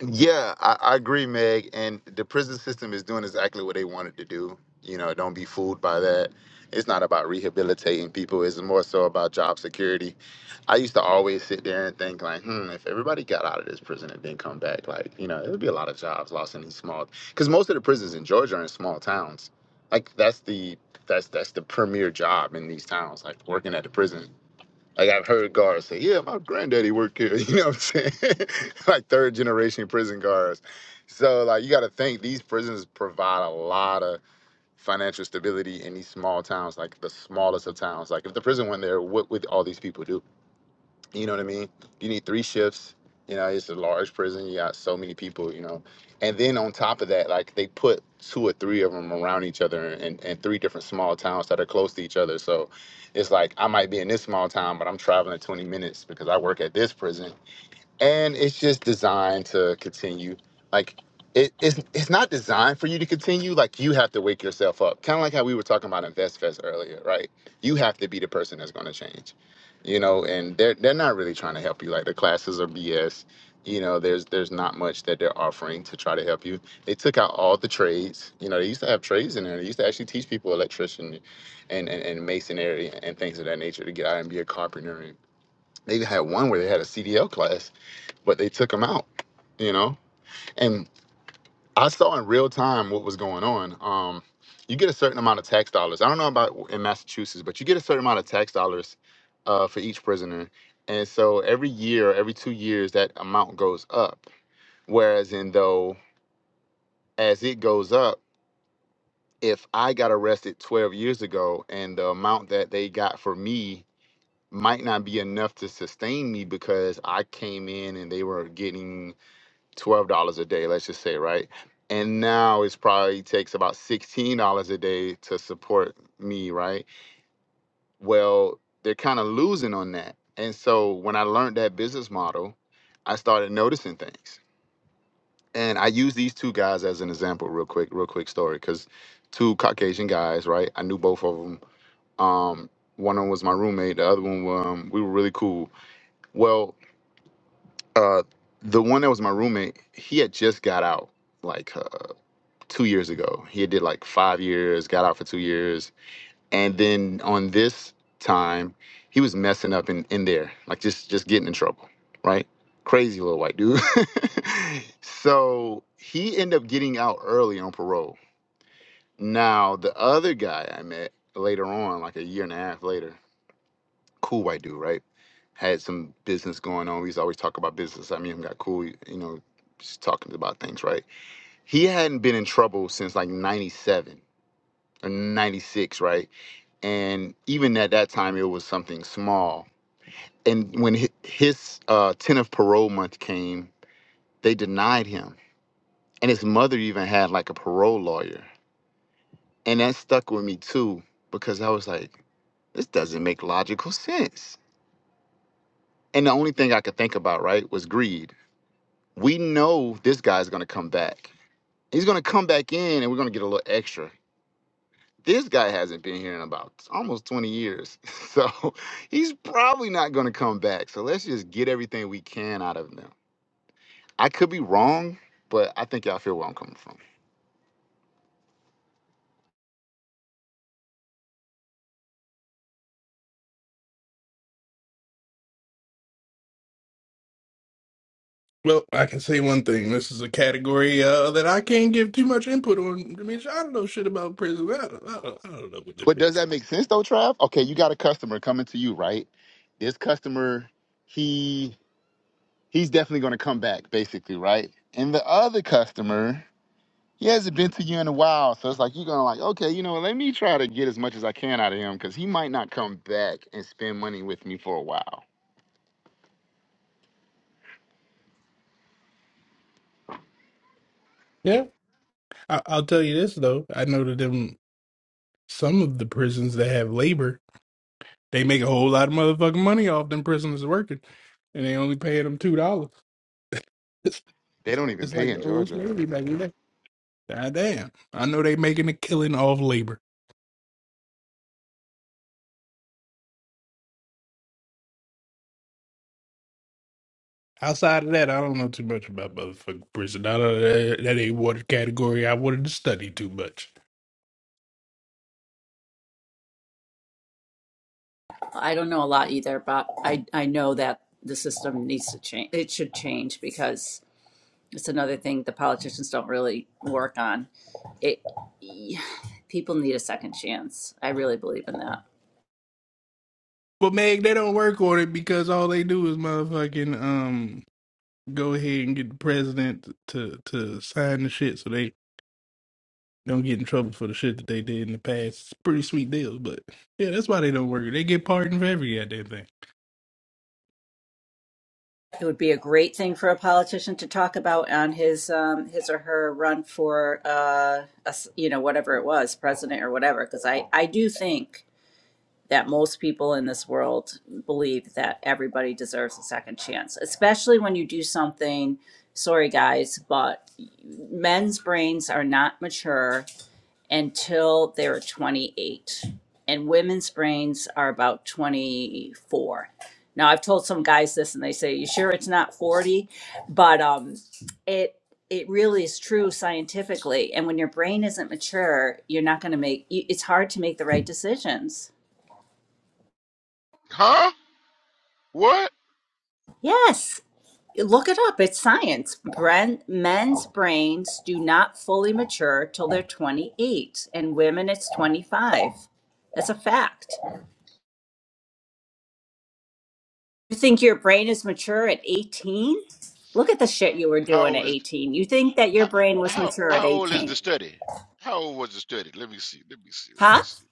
Speaker 5: Yeah, I, I agree, Meg. And the prison system is doing exactly what they wanted to do. You know, don't be fooled by that. It's not about rehabilitating people. It's more so about job security. I used to always sit there and think like, hmm, if everybody got out of this prison and then come back, like, you know, it would be a lot of jobs lost in these small. Because most of the prisons in Georgia are in small towns. Like that's the that's that's the premier job in these towns, like working at the prison. Like I've heard guards say, "Yeah, my granddaddy worked here." You know what I'm saying? like third generation prison guards. So like you got to think these prisons provide a lot of financial stability in these small towns, like the smallest of towns. Like if the prison went there, what would all these people do? You know what I mean? You need three shifts. You know, it's a large prison. You got so many people, you know. And then on top of that, like they put two or three of them around each other in, in three different small towns that are close to each other. So it's like I might be in this small town, but I'm traveling 20 minutes because I work at this prison and it's just designed to continue. Like it, it's it's not designed for you to continue. Like you have to wake yourself up. Kind of like how we were talking about Invest Fest earlier, right? You have to be the person that's going to change. You know, and they're they're not really trying to help you. Like the classes are BS. You know, there's there's not much that they're offering to try to help you. They took out all the trades. You know, they used to have trades in there. They used to actually teach people electrician and, and, and masonry and things of that nature to get out and be a carpenter. They even had one where they had a CDL class but they took him out, you know? And I saw in real time what was going on. Um, you get a certain amount of tax dollars. I don't know about in Massachusetts, but you get a certain amount of tax dollars uh, for each prisoner. And so every year, every two years, that amount goes up. Whereas in though, as it goes up, if I got arrested 12 years ago and the amount that they got for me might not be enough to sustain me because I came in and they were getting twelve dollars a day, let's just say, right? And now it's probably takes about sixteen dollars a day to support me, right? Well, they're kind of losing on that. And so when I learned that business model, I started noticing things. And I use these two guys as an example, real quick, real quick story, because two Caucasian guys, right? I knew both of them. Um, one of them was my roommate. The other one, um, we were really cool. Well, uh, the one that was my roommate, he had just got out, like. uh, two years ago. He did like five years, got out for two years, and then on this time, he was messing up in in there, like just just getting in trouble, right? Crazy little white dude. so he ended up getting out early on parole. Now the other guy I met later on, like a year and a half later, cool white dude, right? Had some business going on. We used to always talk about business. I mean, him got cool, you know, just talking about things, right? He hadn't been in trouble since like '97 or 96, right? And even at that time, it was something small. And when hi- his uh, 10 of parole month came, they denied him. And his mother even had like a parole lawyer. And that stuck with me too, because I was like, this doesn't make logical sense. And the only thing I could think about, right, was greed. We know this guy's gonna come back. He's gonna come back in and we're gonna get a little extra. This guy hasn't been here in about almost 20 years. So he's probably not going to come back. So let's just get everything we can out of them. I could be wrong, but I think y'all feel where I'm coming from.
Speaker 8: Well, I can say one thing. This is a category uh, that I can't give too much input on. I mean, I don't know shit about prison. I don't, I don't, I don't know what to
Speaker 5: But
Speaker 8: do.
Speaker 5: does that make sense though, Trav? Okay, you got a customer coming to you, right? This customer, he he's definitely gonna come back, basically, right? And the other customer, he hasn't been to you in a while. So it's like you're gonna like, okay, you know, let me try to get as much as I can out of him because he might not come back and spend money with me for a while.
Speaker 8: Yeah, I, I'll tell you this though. I know that them some of the prisons that have labor, they make a whole lot of motherfucking money off them prisoners working, and they only pay them two dollars.
Speaker 5: They
Speaker 8: It's,
Speaker 5: don't even
Speaker 8: it's
Speaker 5: pay
Speaker 8: like
Speaker 5: in
Speaker 8: the old
Speaker 5: Georgia.
Speaker 8: slavery back in the day. God damn! I know they making a killing off labor. Outside of that, I don't know too much about motherfucking prison. I don't, that, that ain't one category I wanted to study too much.
Speaker 9: I don't know a lot either, but I, I know that the system needs to change. It should change because it's another thing the politicians don't really work on. It people need a second chance. I really believe in that.
Speaker 8: But Meg, they don't work on it because all they do is motherfucking um go ahead and get the president to to sign the shit so they don't get in trouble for the shit that they did in the past. It's a pretty sweet deal, but yeah, that's why they don't work. They get pardoned for every goddamn thing.
Speaker 9: It would be a great thing for a politician to talk about on his um, his or her run for uh, a s- you know whatever it was, president or whatever. Because I I do think that most people in this world believe that everybody deserves a second chance, especially when you do something. Sorry guys, but men's brains are not mature until they're 28. And women's brains are about 24. Now, I've told some guys this and they say, You sure it's not 40? But um, it, it really is true scientifically. And when your brain isn't mature, you're not going to make you- it's hard to make the right decisions.
Speaker 3: Huh? What?
Speaker 9: Yes, look it up. It's science. Bren, men's brains do not fully mature till they're 28, and women, it's 25. That's a fact. You think your brain is mature at 18? Look at the shit you were
Speaker 3: How
Speaker 9: doing at
Speaker 3: old is
Speaker 9: 18. You think that your
Speaker 3: how
Speaker 9: brain was
Speaker 3: how
Speaker 9: mature at
Speaker 3: how old is the
Speaker 9: 18?
Speaker 3: study? How old was the study? Let me see. Let me see. Let me
Speaker 9: Huh?
Speaker 3: see.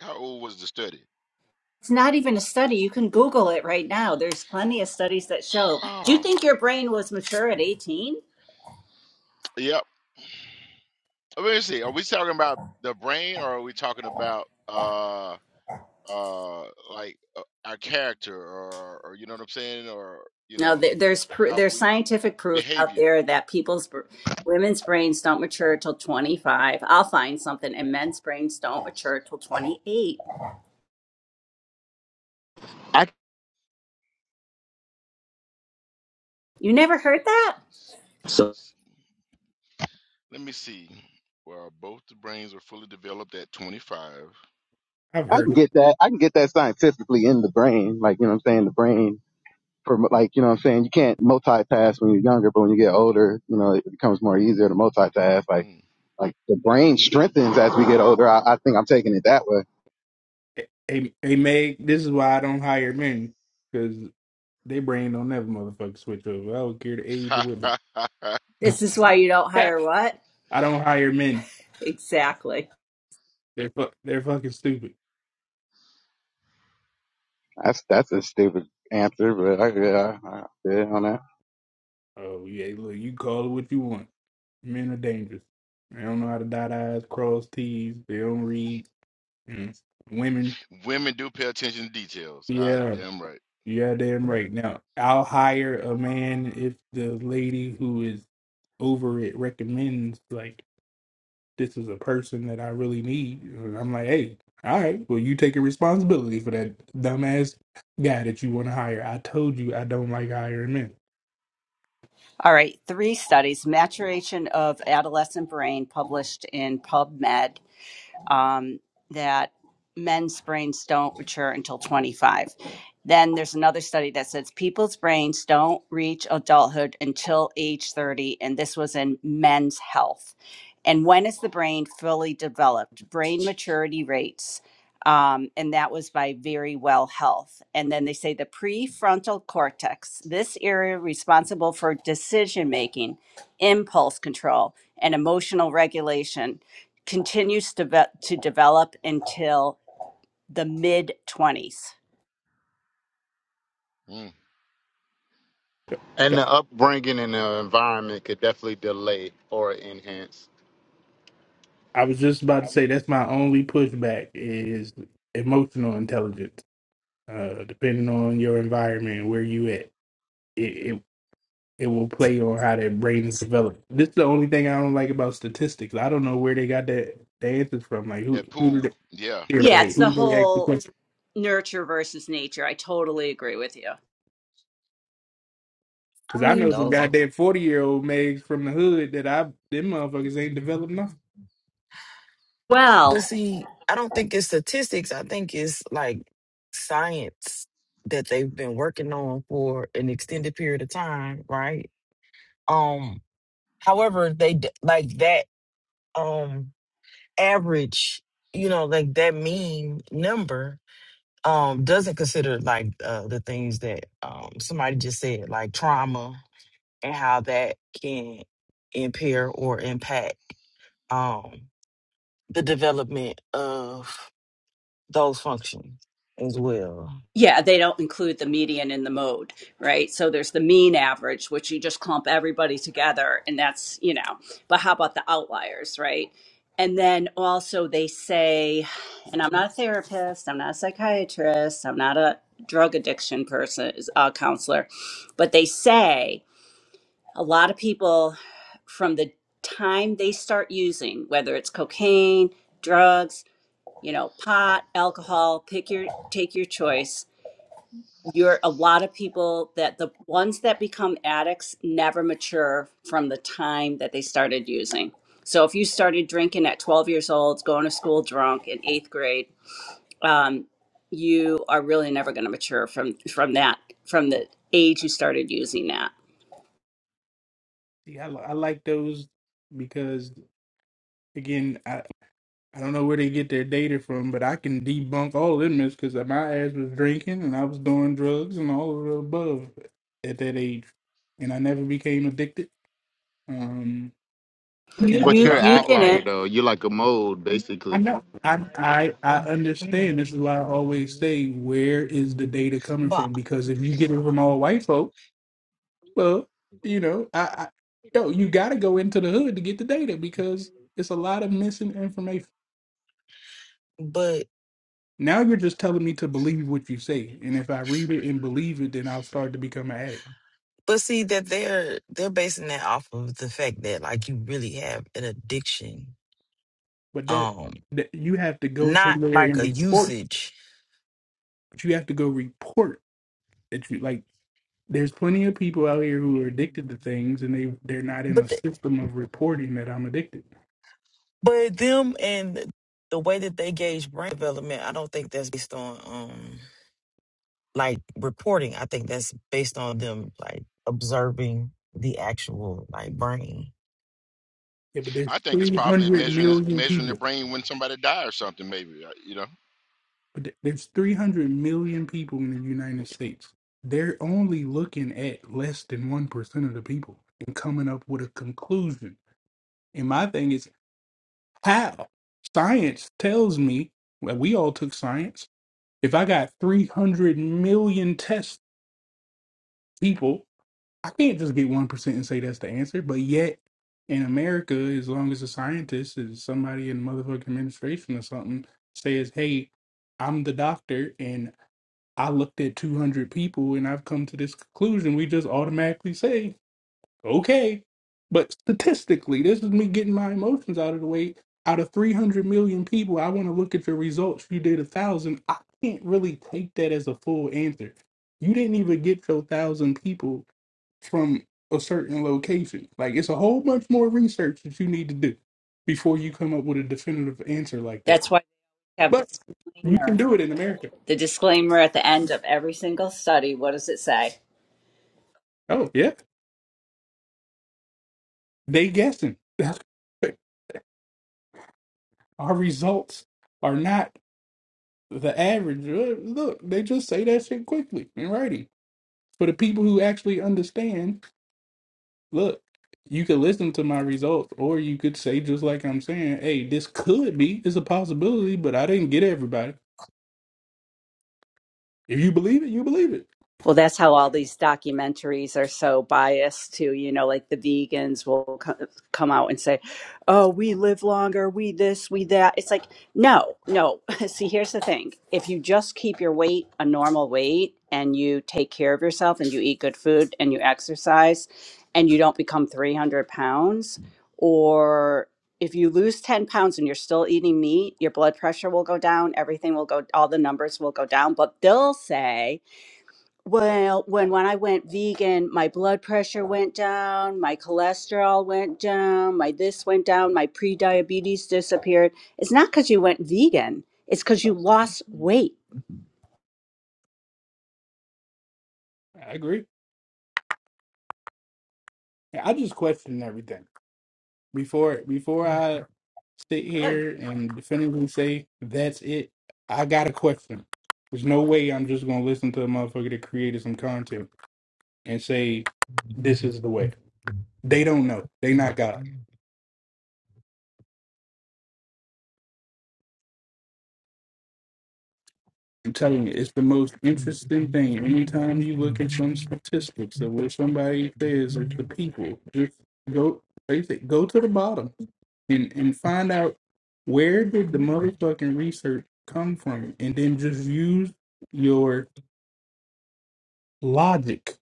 Speaker 3: How old was the study?
Speaker 9: It's not even a study. You can Google it right now. There's plenty of studies that show. Do you
Speaker 3: Oh,
Speaker 9: think your brain was mature at 18?
Speaker 3: yep. Let me see. Are we talking about the brain, or are we talking about uh uh like uh, our character, or or you know what I'm saying, or you
Speaker 9: No,
Speaker 3: know
Speaker 9: there- there's pr-
Speaker 3: how
Speaker 9: there's
Speaker 3: we
Speaker 9: scientific proof out
Speaker 3: behavior?
Speaker 9: there that people's br- women's brains don't mature till 25. I'll find something, and men's brains
Speaker 3: Let
Speaker 9: don't
Speaker 3: me see.
Speaker 9: mature till 28.
Speaker 5: I
Speaker 9: You never heard that?
Speaker 3: Let me see. Let me
Speaker 5: So
Speaker 3: see. Let me see. Well, both the brains are fully developed at 25.
Speaker 8: I've
Speaker 12: I
Speaker 8: heard
Speaker 12: can get that. I can get that scientifically in the brain. Like, you know what I'm saying? The brain for like, you know what I'm saying? You can't multitask when you're younger, but when you get older, you know, it becomes more easier to multitask. Like,
Speaker 3: Hmm.
Speaker 12: like the brain strengthens as we get older. I, I think I'm taking it that way.
Speaker 8: it. Hey, hey Meg, this is why I don't hire men because they brain don't never motherfucking switch over. I don't care the age or
Speaker 9: This is
Speaker 8: what.
Speaker 9: why you don't hire what?
Speaker 8: I don't hire men.
Speaker 9: Exactly.
Speaker 8: They're fu- they're fucking stupid.
Speaker 12: That's, that's a stupid answer, but I, yeah, I, I, yeah, on that.
Speaker 8: Oh yeah, look, you call it what you want. Men are dangerous. They don't know how to dot I's, cross T's. They don't read. Mm. Women,
Speaker 3: Women do pay attention to details. Ah,
Speaker 8: yeah,
Speaker 3: damn right.
Speaker 8: yeah, damn right. Now I'll hire a man if the lady who is over it recommends like this is a person that I really need. And I'm like, hey, all right, well you taking responsibility for that dumbass guy that you want to hire. I told you I don't like hiring
Speaker 9: All right, three studies maturation of adolescent brain published in PubMed um, that men's brains don't mature until 25. Then there's another study that says people's brains don't reach adulthood until age 30, and this was in men's health. And when is the brain fully developed? Brain maturity rates. Um, and that was by Very Well Health. And then they say the prefrontal cortex, this area responsible for decision making, impulse control, and emotional regulation continues to, ve- to develop until the mid 20s.
Speaker 3: Mm.
Speaker 8: men.
Speaker 5: and the upbringing and the environment could definitely delay or enhance.
Speaker 8: I was just about to say that's my only pushback is emotional intelligence. Uh, depending on your environment, where you at, it, it it will play on how that brain is developed. This is the only thing I don't like about statistics. I don't know where they got that the answers from. Like who
Speaker 3: That
Speaker 8: who did they,
Speaker 3: pool, yeah.
Speaker 8: here,
Speaker 9: Yeah,
Speaker 8: wait,
Speaker 9: it's
Speaker 8: who
Speaker 9: the
Speaker 8: did they ask the
Speaker 9: whole
Speaker 8: question?
Speaker 9: nurture versus nature. I totally agree with you.
Speaker 8: Because
Speaker 7: I
Speaker 8: I
Speaker 7: mean,
Speaker 8: know some
Speaker 7: those
Speaker 8: goddamn forty year old mags from the hood that I them motherfuckers ain't developed nothing.
Speaker 9: Well,
Speaker 7: but see, I don't think it's statistics. I think it's like science that they've been working on for an extended period of time, right? Um, however, they d- like that um average, you know, like that mean number um doesn't consider like uh, the things that um somebody just said, like trauma and how that can impair or impact um, the development of those functions as well.
Speaker 9: yeah, they don't include the median and the mode, right? So there's the mean average, which you just clump everybody together, and that's, you know, but how about the outliers, right? And then also they say, and I'm not a therapist, I'm not a psychiatrist, I'm not a drug addiction person, uh, counselor, but they say a lot of people from the time they start using whether it's cocaine drugs you know pot alcohol pick your take your choice you're a lot of people that the ones that become addicts never mature from the time that they started using so if you started drinking at 12 years old going to school drunk in eighth grade um, you are really never going to mature from from that from the age you started using that
Speaker 8: See, I, li- I like those because again, I, I don't know where they get their data from, but I can debunk all of them because my ass was drinking and I was doing drugs and all of the above at that age, and I never became addicted. Um, and
Speaker 5: But
Speaker 8: it-
Speaker 9: you
Speaker 5: you're an
Speaker 9: you
Speaker 8: but-
Speaker 5: outlier
Speaker 9: didn't
Speaker 5: though. You're like a mold
Speaker 8: I
Speaker 5: basically.
Speaker 8: know I I I understand. This is why I always say, where is the data coming
Speaker 7: But
Speaker 8: from? Because if you get it from all white folk. Well, you know, I, I yo, you got to go into the hood to get the data because it's a lot of missing information.
Speaker 7: but
Speaker 8: Now you're just telling me to believe what you say, and if I read it and believe it, then I'll start to become an addict.
Speaker 7: but see that they're they're basing that off of the fact that like you really have an addiction,
Speaker 8: But that,
Speaker 7: um,
Speaker 8: that you have to go
Speaker 7: not
Speaker 8: somewhere
Speaker 7: like
Speaker 8: and
Speaker 7: a
Speaker 8: report.
Speaker 7: usage,
Speaker 8: But you have to go report that you like. There's plenty of people out here who are addicted to things, and they they're not in
Speaker 7: but
Speaker 8: a
Speaker 7: the,
Speaker 8: system of reporting that I'm addicted.
Speaker 7: but them and the way that they gauge brain development, I don't think that's based on. um like reporting. I think that's based on them like observing the actual like burning.
Speaker 8: Yeah, but there's
Speaker 3: I think it's probably
Speaker 8: 300
Speaker 3: measuring this,
Speaker 8: million
Speaker 3: measuring the
Speaker 8: people.
Speaker 3: brain when somebody dies or something. Maybe uh, you know,
Speaker 8: But th- there's 300 million people in the United States. They're only looking at less than 1% of the people and coming up with a conclusion. And my thing is, how? Science tells me, well, we all took science. If I got 300 million test people, I can't just get 1% and say that's the answer. But yet, in America, as long as a scientist is somebody in motherfucking administration or something says, hey, I'm the doctor and I looked at 200 people and I've come to this conclusion. We just automatically say, okay. But statistically, this is me getting my emotions out of the way. Out of 300 million people, I want to look at your results. You did a thousand. I can't really take that as a full answer. You didn't even get your thousand people from a certain location. Like it's a whole bunch more research that you need to do before you come up with a definitive answer like that.
Speaker 9: that's why have.
Speaker 8: But you
Speaker 9: disclaimer.
Speaker 8: can do it in America.
Speaker 9: The disclaimer at the end of every single study, what does it say?
Speaker 8: Oh, yeah. They guessing. That's correct. our results are not the average. Look, look, they just say that shit quickly in writing. For the people who actually understand, look, you could listen to my results, or you could say just like I'm saying, hey, this could be it's a possibility, but I didn't get everybody. If you believe it, you believe it.
Speaker 9: Well, that's how all these documentaries are so biased too. You know, like the vegans will co- come out and say, "Oh, we live longer, we this, we that." It's like, no, no. See, here's the thing: if you just keep your weight a normal weight and you take care of yourself and you eat good food and you exercise and you don't become 300 pounds, or if you lose 10 pounds and you're still eating meat, your blood pressure will go down, everything will go, all the numbers will go down. But they'll say well, when when I went vegan, my blood pressure went down, my cholesterol went down, my this went down, my pre-diabetes disappeared. It's not because you went vegan. It's because you lost weight.
Speaker 8: I agree. I just question everything before before I sit here and definitively say that's it. I got a question. There's no way I'm just gonna listen to a motherfucker that created some content and say this is the way. They don't know. They not God. I'm telling you, it's the most interesting thing. Anytime you look at some statistics of what somebody says is the people, just go like I said, go to the bottom and, and find out where did the motherfucking research come from and then just use your logic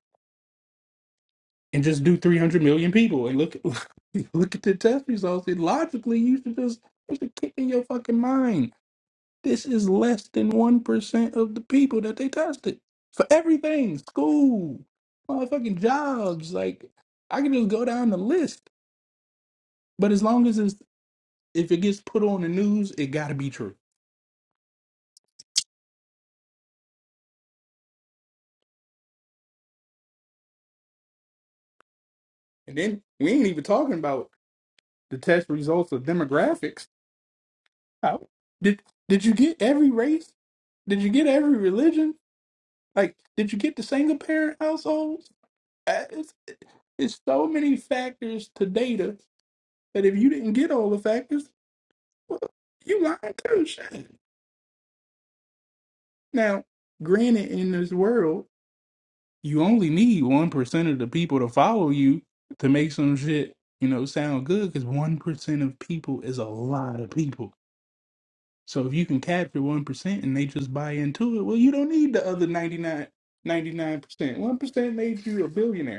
Speaker 8: and just do 300 million people and look at look at the test results and logically you should just it's a kick in your fucking mind this is less than 1% of the people that they tested for everything school motherfucking jobs like i can just go down the list but as long as it's if it gets put on the news it got to be true and then we ain't even talking about the test results of demographics How, did did you get every race did you get every religion Like, did you get the single parent households? Uh, It's, it's so many factors to data that if you didn't get all the factors, well, you lying too. Shit. Now, granted, in this world, you only need one percent of the people to follow you to make some shit, you know, sound good. Because one percent of people is a lot of people. So if you can capture one percent and they just buy into it, well, you don't need the other ninety nine ninety nine percent. One percent made you a billionaire.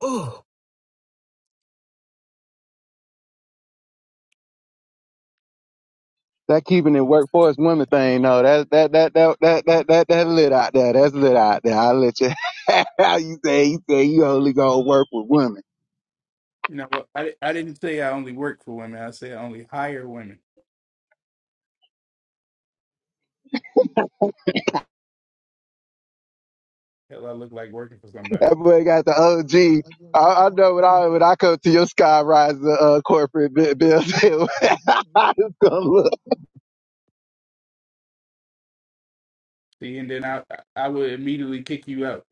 Speaker 7: Oh,
Speaker 12: That keeping it workforce women thing, no, that, that, that, that, that, that, that, that lit out there. That's lit out there. I'll let you, how you say, you say you only gonna work with women.
Speaker 8: You know, I, I didn't say I only work for women. I said I only hire women. Hell, I look like working for somebody.
Speaker 12: That boy got the OG. I, I know when I when I come to your sky rise uh, corporate bu- building, I just gonna look.
Speaker 8: See, and then I I would immediately kick you out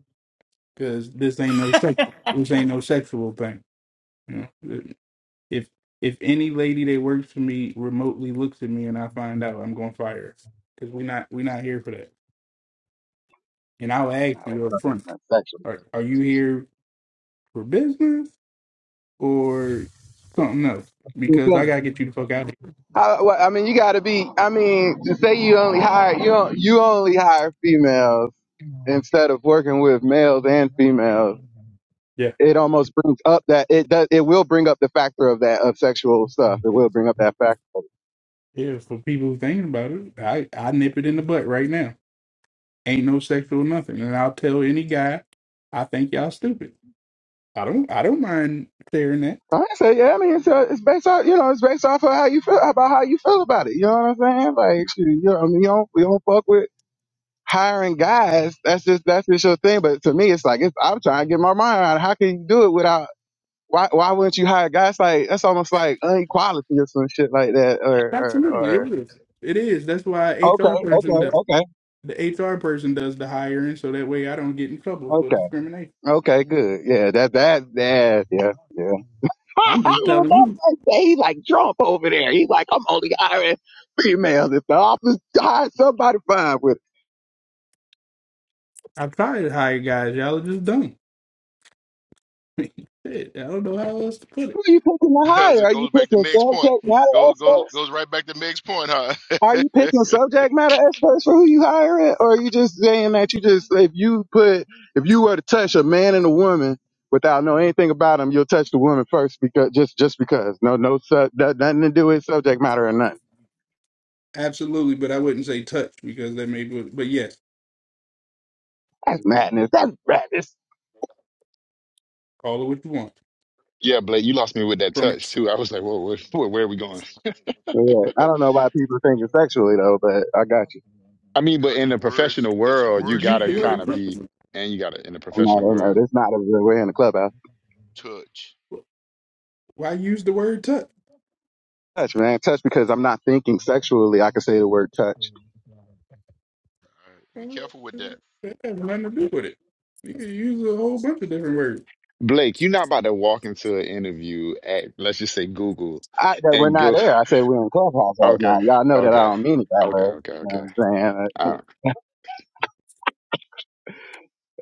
Speaker 8: because this ain't no sexual. This ain't no sexual thing. You know, if if any lady that works for me remotely looks at me and I find out, I'm gonna fire her because we not we not here for that. And I'll ask you up front:
Speaker 12: That's sexual.
Speaker 8: Are are you here for business or something else? Because I
Speaker 12: Okay.
Speaker 8: gotta get you the fuck out of
Speaker 12: I, well, I mean, you gotta be. I mean, to say you only hire you do you only hire females instead of working with males and females.
Speaker 8: here.
Speaker 12: It almost brings up that it does. It will bring up the factor of that of sexual stuff. It will bring up that factor.
Speaker 8: Yeah, for people who thinking about it, I, I nip it in the butt right now. Ain't no sexual nothing. And I'll tell any guy, I think y'all stupid. I don't I don't mind clearing that.
Speaker 12: I say, yeah, I mean, it's, uh, it's based off, you know, it's based off of how you feel about how you feel about it. You know what I'm saying? Like, shoot, you know, I mean, you don't, you don't fuck with hiring guys. That's just, that's just your thing. But to me, it's like, it's, I'm trying to get my mind around it. how can you do it without, why, why wouldn't you hire guys? Like, that's almost like inequality or some shit like that or, or,
Speaker 8: Absolutely, it
Speaker 12: or.
Speaker 8: is. It is. That's why HR
Speaker 12: Okay,
Speaker 8: person
Speaker 12: okay,
Speaker 8: does
Speaker 12: okay,
Speaker 8: the HR person does the hiring so that way I don't get in trouble for
Speaker 12: okay,
Speaker 8: discrimination.
Speaker 12: okay, good. Yeah, that, that, that, yeah, yeah.
Speaker 8: I'm just
Speaker 12: That
Speaker 8: telling you.
Speaker 12: boy He's like Trump over there. He's like, I'm only hiring females. If the office hires somebody, fine with it.
Speaker 8: I tried to hire guys, y'all are just dumb. Shit, I don't know how else to put it.
Speaker 12: Who are you picking to
Speaker 3: because
Speaker 12: hire?
Speaker 3: it
Speaker 12: Are you
Speaker 3: goes back to
Speaker 12: picking
Speaker 3: Meg's point.
Speaker 12: subject matter
Speaker 3: Goes goes
Speaker 12: experts?
Speaker 3: goes right back to Meg's point, huh?
Speaker 12: Are you picking subject matter experts for who you hiring? Or are you just saying that you just, if you put, if you were to touch a man and a woman without knowing anything about them, you'll touch the woman first because, just, just because. No, no, su- no- nothing to do with subject matter or nothing.
Speaker 8: Absolutely, but I wouldn't say touch because that made but yes,
Speaker 12: That's madness. That's madness.
Speaker 8: call it what you want.
Speaker 5: Yeah, Blake, you lost me with that
Speaker 8: From
Speaker 5: touch too. I was like, whoa, where, where, where are we going?
Speaker 12: Yeah, I don't know why people think it's sexually though, but I got you.
Speaker 5: I mean, but
Speaker 3: Because of
Speaker 5: in
Speaker 3: the
Speaker 5: the
Speaker 3: words,
Speaker 5: professional
Speaker 3: because of the
Speaker 5: world, you
Speaker 3: words you
Speaker 5: gotta kind of
Speaker 8: you
Speaker 3: use,
Speaker 5: be, and you gotta in the
Speaker 12: No,
Speaker 5: professional
Speaker 12: no, no.
Speaker 5: world.
Speaker 12: That's not a real way in the clubhouse.
Speaker 3: touch.
Speaker 8: Why use the word touch?
Speaker 12: Touch, man. Touch because I'm not thinking sexually. I can say the word touch.
Speaker 3: All right, be careful with that.
Speaker 8: That has nothing to do with it. You can use a whole bunch of different words.
Speaker 5: Blake, you're not about to walk into an interview at, let's just say Google,
Speaker 12: I, that we're
Speaker 5: and
Speaker 12: not
Speaker 5: go,
Speaker 12: there. I say we're in clubhouse right
Speaker 5: okay,
Speaker 12: now. Y'all know that I
Speaker 5: okay,
Speaker 12: don't mean it that
Speaker 5: okay,
Speaker 12: way.
Speaker 5: okay,
Speaker 12: You know
Speaker 5: okay.
Speaker 12: what I'm saying? Like,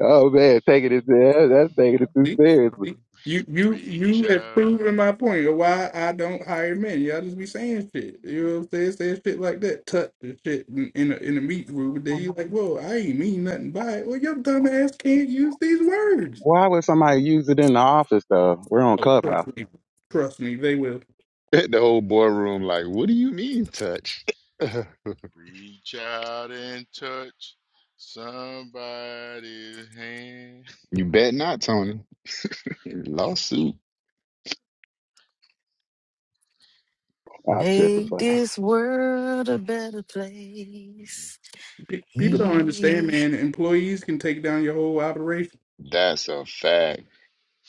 Speaker 12: oh man, taking it there. That's taking it too
Speaker 8: See,
Speaker 12: seriously.
Speaker 8: see, you you you
Speaker 3: Reach
Speaker 8: have
Speaker 3: out,
Speaker 8: proven my point of why I don't hire men. Y'all just be saying shit. You know what I'm saying? Saying shit like that, touch and shit in in a, in a meet group. Then you like, whoa, I ain't mean nothing by it. Well, your dumb ass can't use these words.
Speaker 12: Why would somebody use it in the office though? We're on
Speaker 8: Oh,
Speaker 12: clubhouse.
Speaker 8: trust me, trust me, they will.
Speaker 5: The whole boardroom, like, what do you mean, touch?
Speaker 3: reach out and touch somebody's hand.
Speaker 5: You bet not, Tony. Lawsuit.
Speaker 12: I'm tripping,
Speaker 7: Make
Speaker 12: but
Speaker 7: this world a better place.
Speaker 8: Pe- people don't understand,
Speaker 7: Eesh.
Speaker 8: man. Employees can take down your whole operation.
Speaker 5: That's a fact.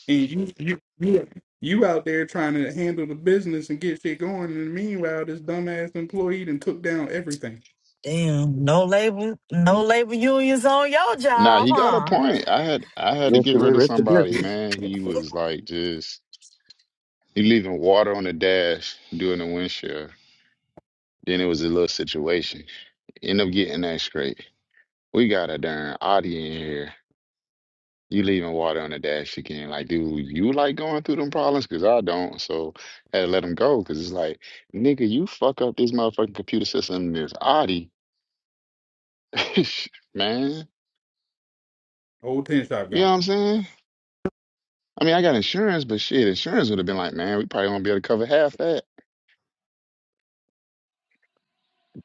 Speaker 8: And you you you you out there trying to handle the business and get shit going, and meanwhile, this dumbass employee done took down everything.
Speaker 7: Damn, no labor, no labor unions on your
Speaker 5: Nah,
Speaker 7: job,
Speaker 5: he got a
Speaker 7: huh?
Speaker 5: point. I had I had to
Speaker 12: risk
Speaker 5: get
Speaker 12: of it,
Speaker 5: rid of
Speaker 12: risk of
Speaker 5: somebody,
Speaker 12: business.
Speaker 5: man. He was like just he leaving water on the dash during the windshield. Then it was a little situation. End up getting that straight. We got a darn Audi in here. You leaving water on the dash again. Like, dude, you like going through them problems? Because I don't. So had to let them go. Because it's like, nigga, you fuck up this motherfucking computer system, this Audi. Man,
Speaker 8: Whole ten shop
Speaker 5: you know
Speaker 8: gone.
Speaker 5: what I'm saying? I mean, I got insurance, but shit, insurance would have been like, man, we probably won't be able to cover half that.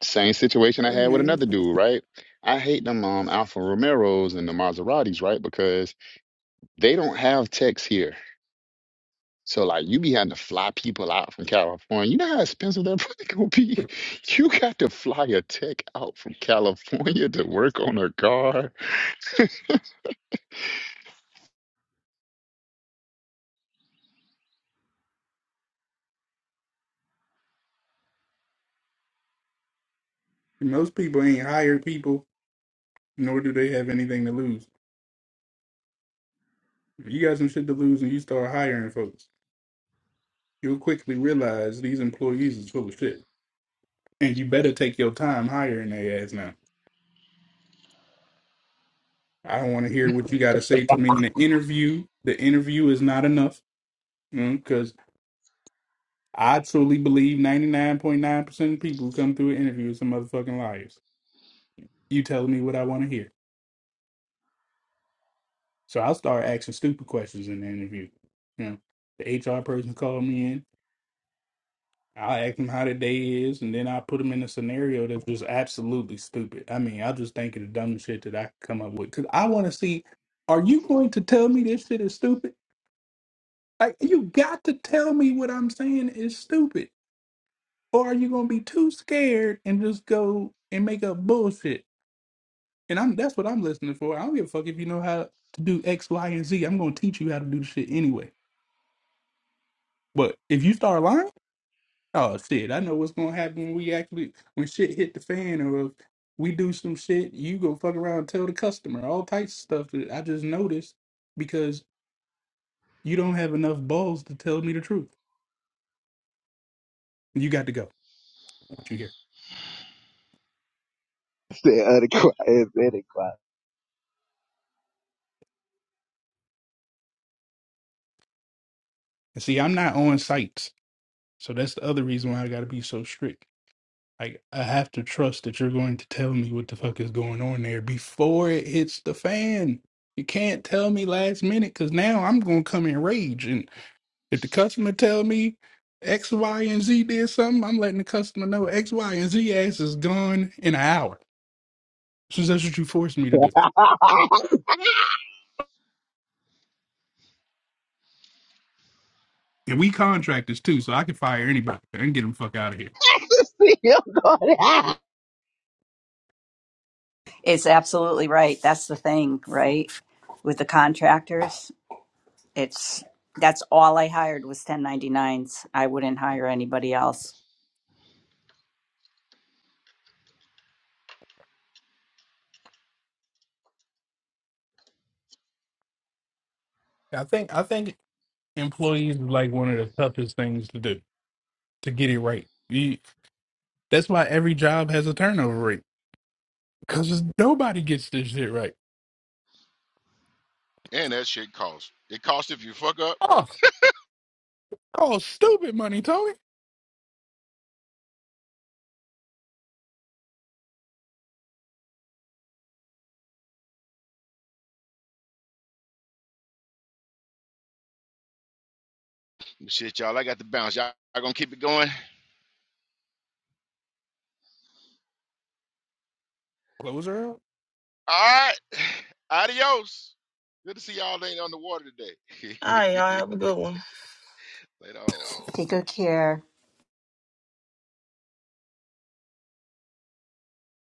Speaker 5: Same situation
Speaker 8: I
Speaker 5: I had with
Speaker 8: mean,
Speaker 5: another dude, right? I hate them um, Alfa Romeros and the Maseratis, right? Because they don't have techs here. So like you be having to fly people out from California. You know how expensive that probably gonna be? You got to fly a tech out from California to work on a car.
Speaker 8: most people ain't hired people, nor do they have anything to lose. If you got some shit to lose and you start hiring folks, you'll quickly realize these employees is full of shit. And you better take your time hiring their ass now. I don't want to hear what you got to say to me in the interview. The interview is not enough mm, Cause. I truly believe 99.9% of people who come through an interview are some motherfucking liars. You telling me what I want to hear. So I'll start asking stupid questions in the interview. You know, the HR person called me in. I'll ask them how their day is, and then i put them in a scenario that's just absolutely stupid. I mean, I'll just think of the dumbest shit that I could come up with. Because I want to see, are you going to tell me this shit is stupid? Like, you got to tell me what I'm saying is stupid. Or are you going to be too scared and just go and make up bullshit? And I'm that's what I'm listening for. I don't give a fuck if you know how to do X, Y, and Z. I'm gonna teach you how to do the shit anyway. But if you start lying, oh shit, I know what's gonna happen when we actually when shit hit the fan or if we do some shit, you go fuck around and tell the customer all types of stuff that I just noticed because you don't have enough balls to tell me the truth. You got to go. What you hear?
Speaker 12: Stay other quiet, stay quiet.
Speaker 8: And see, I'm not on sites, so that's the other reason why I got to be so strict. Like I have to trust that you're going to tell me what the fuck is going on there before it hits the fan. You can't tell me last minute because now I'm gonna come in rage. And if the customer tell me X, Y, and Z did something, I'm letting the customer know X, Y, and Z ass is gone in an hour. Since that's what you forced me to do. And we contractors too, so I can fire anybody and get them fuck out of here.
Speaker 12: See, I'm going
Speaker 9: It's absolutely right. That's the thing, right? With the contractors, it's that's all I hired was 1099s. I wouldn't hire anybody else.
Speaker 8: I think I think employees is like one of the toughest things to do to get it right. You, that's why every job has a turnover rate Cause nobody gets this shit right.
Speaker 3: And that shit costs. It costs if you fuck up.
Speaker 8: Oh, call stupid money, Tony.
Speaker 3: But Shit, y'all, I got the bounce. Y'all you gonna keep it going.
Speaker 8: Closer. out.
Speaker 3: All right. Adios. Good to see y'all ain't on the water
Speaker 7: All
Speaker 3: today.
Speaker 7: right, y'all have a good one.
Speaker 3: Later. on.
Speaker 9: Take good care.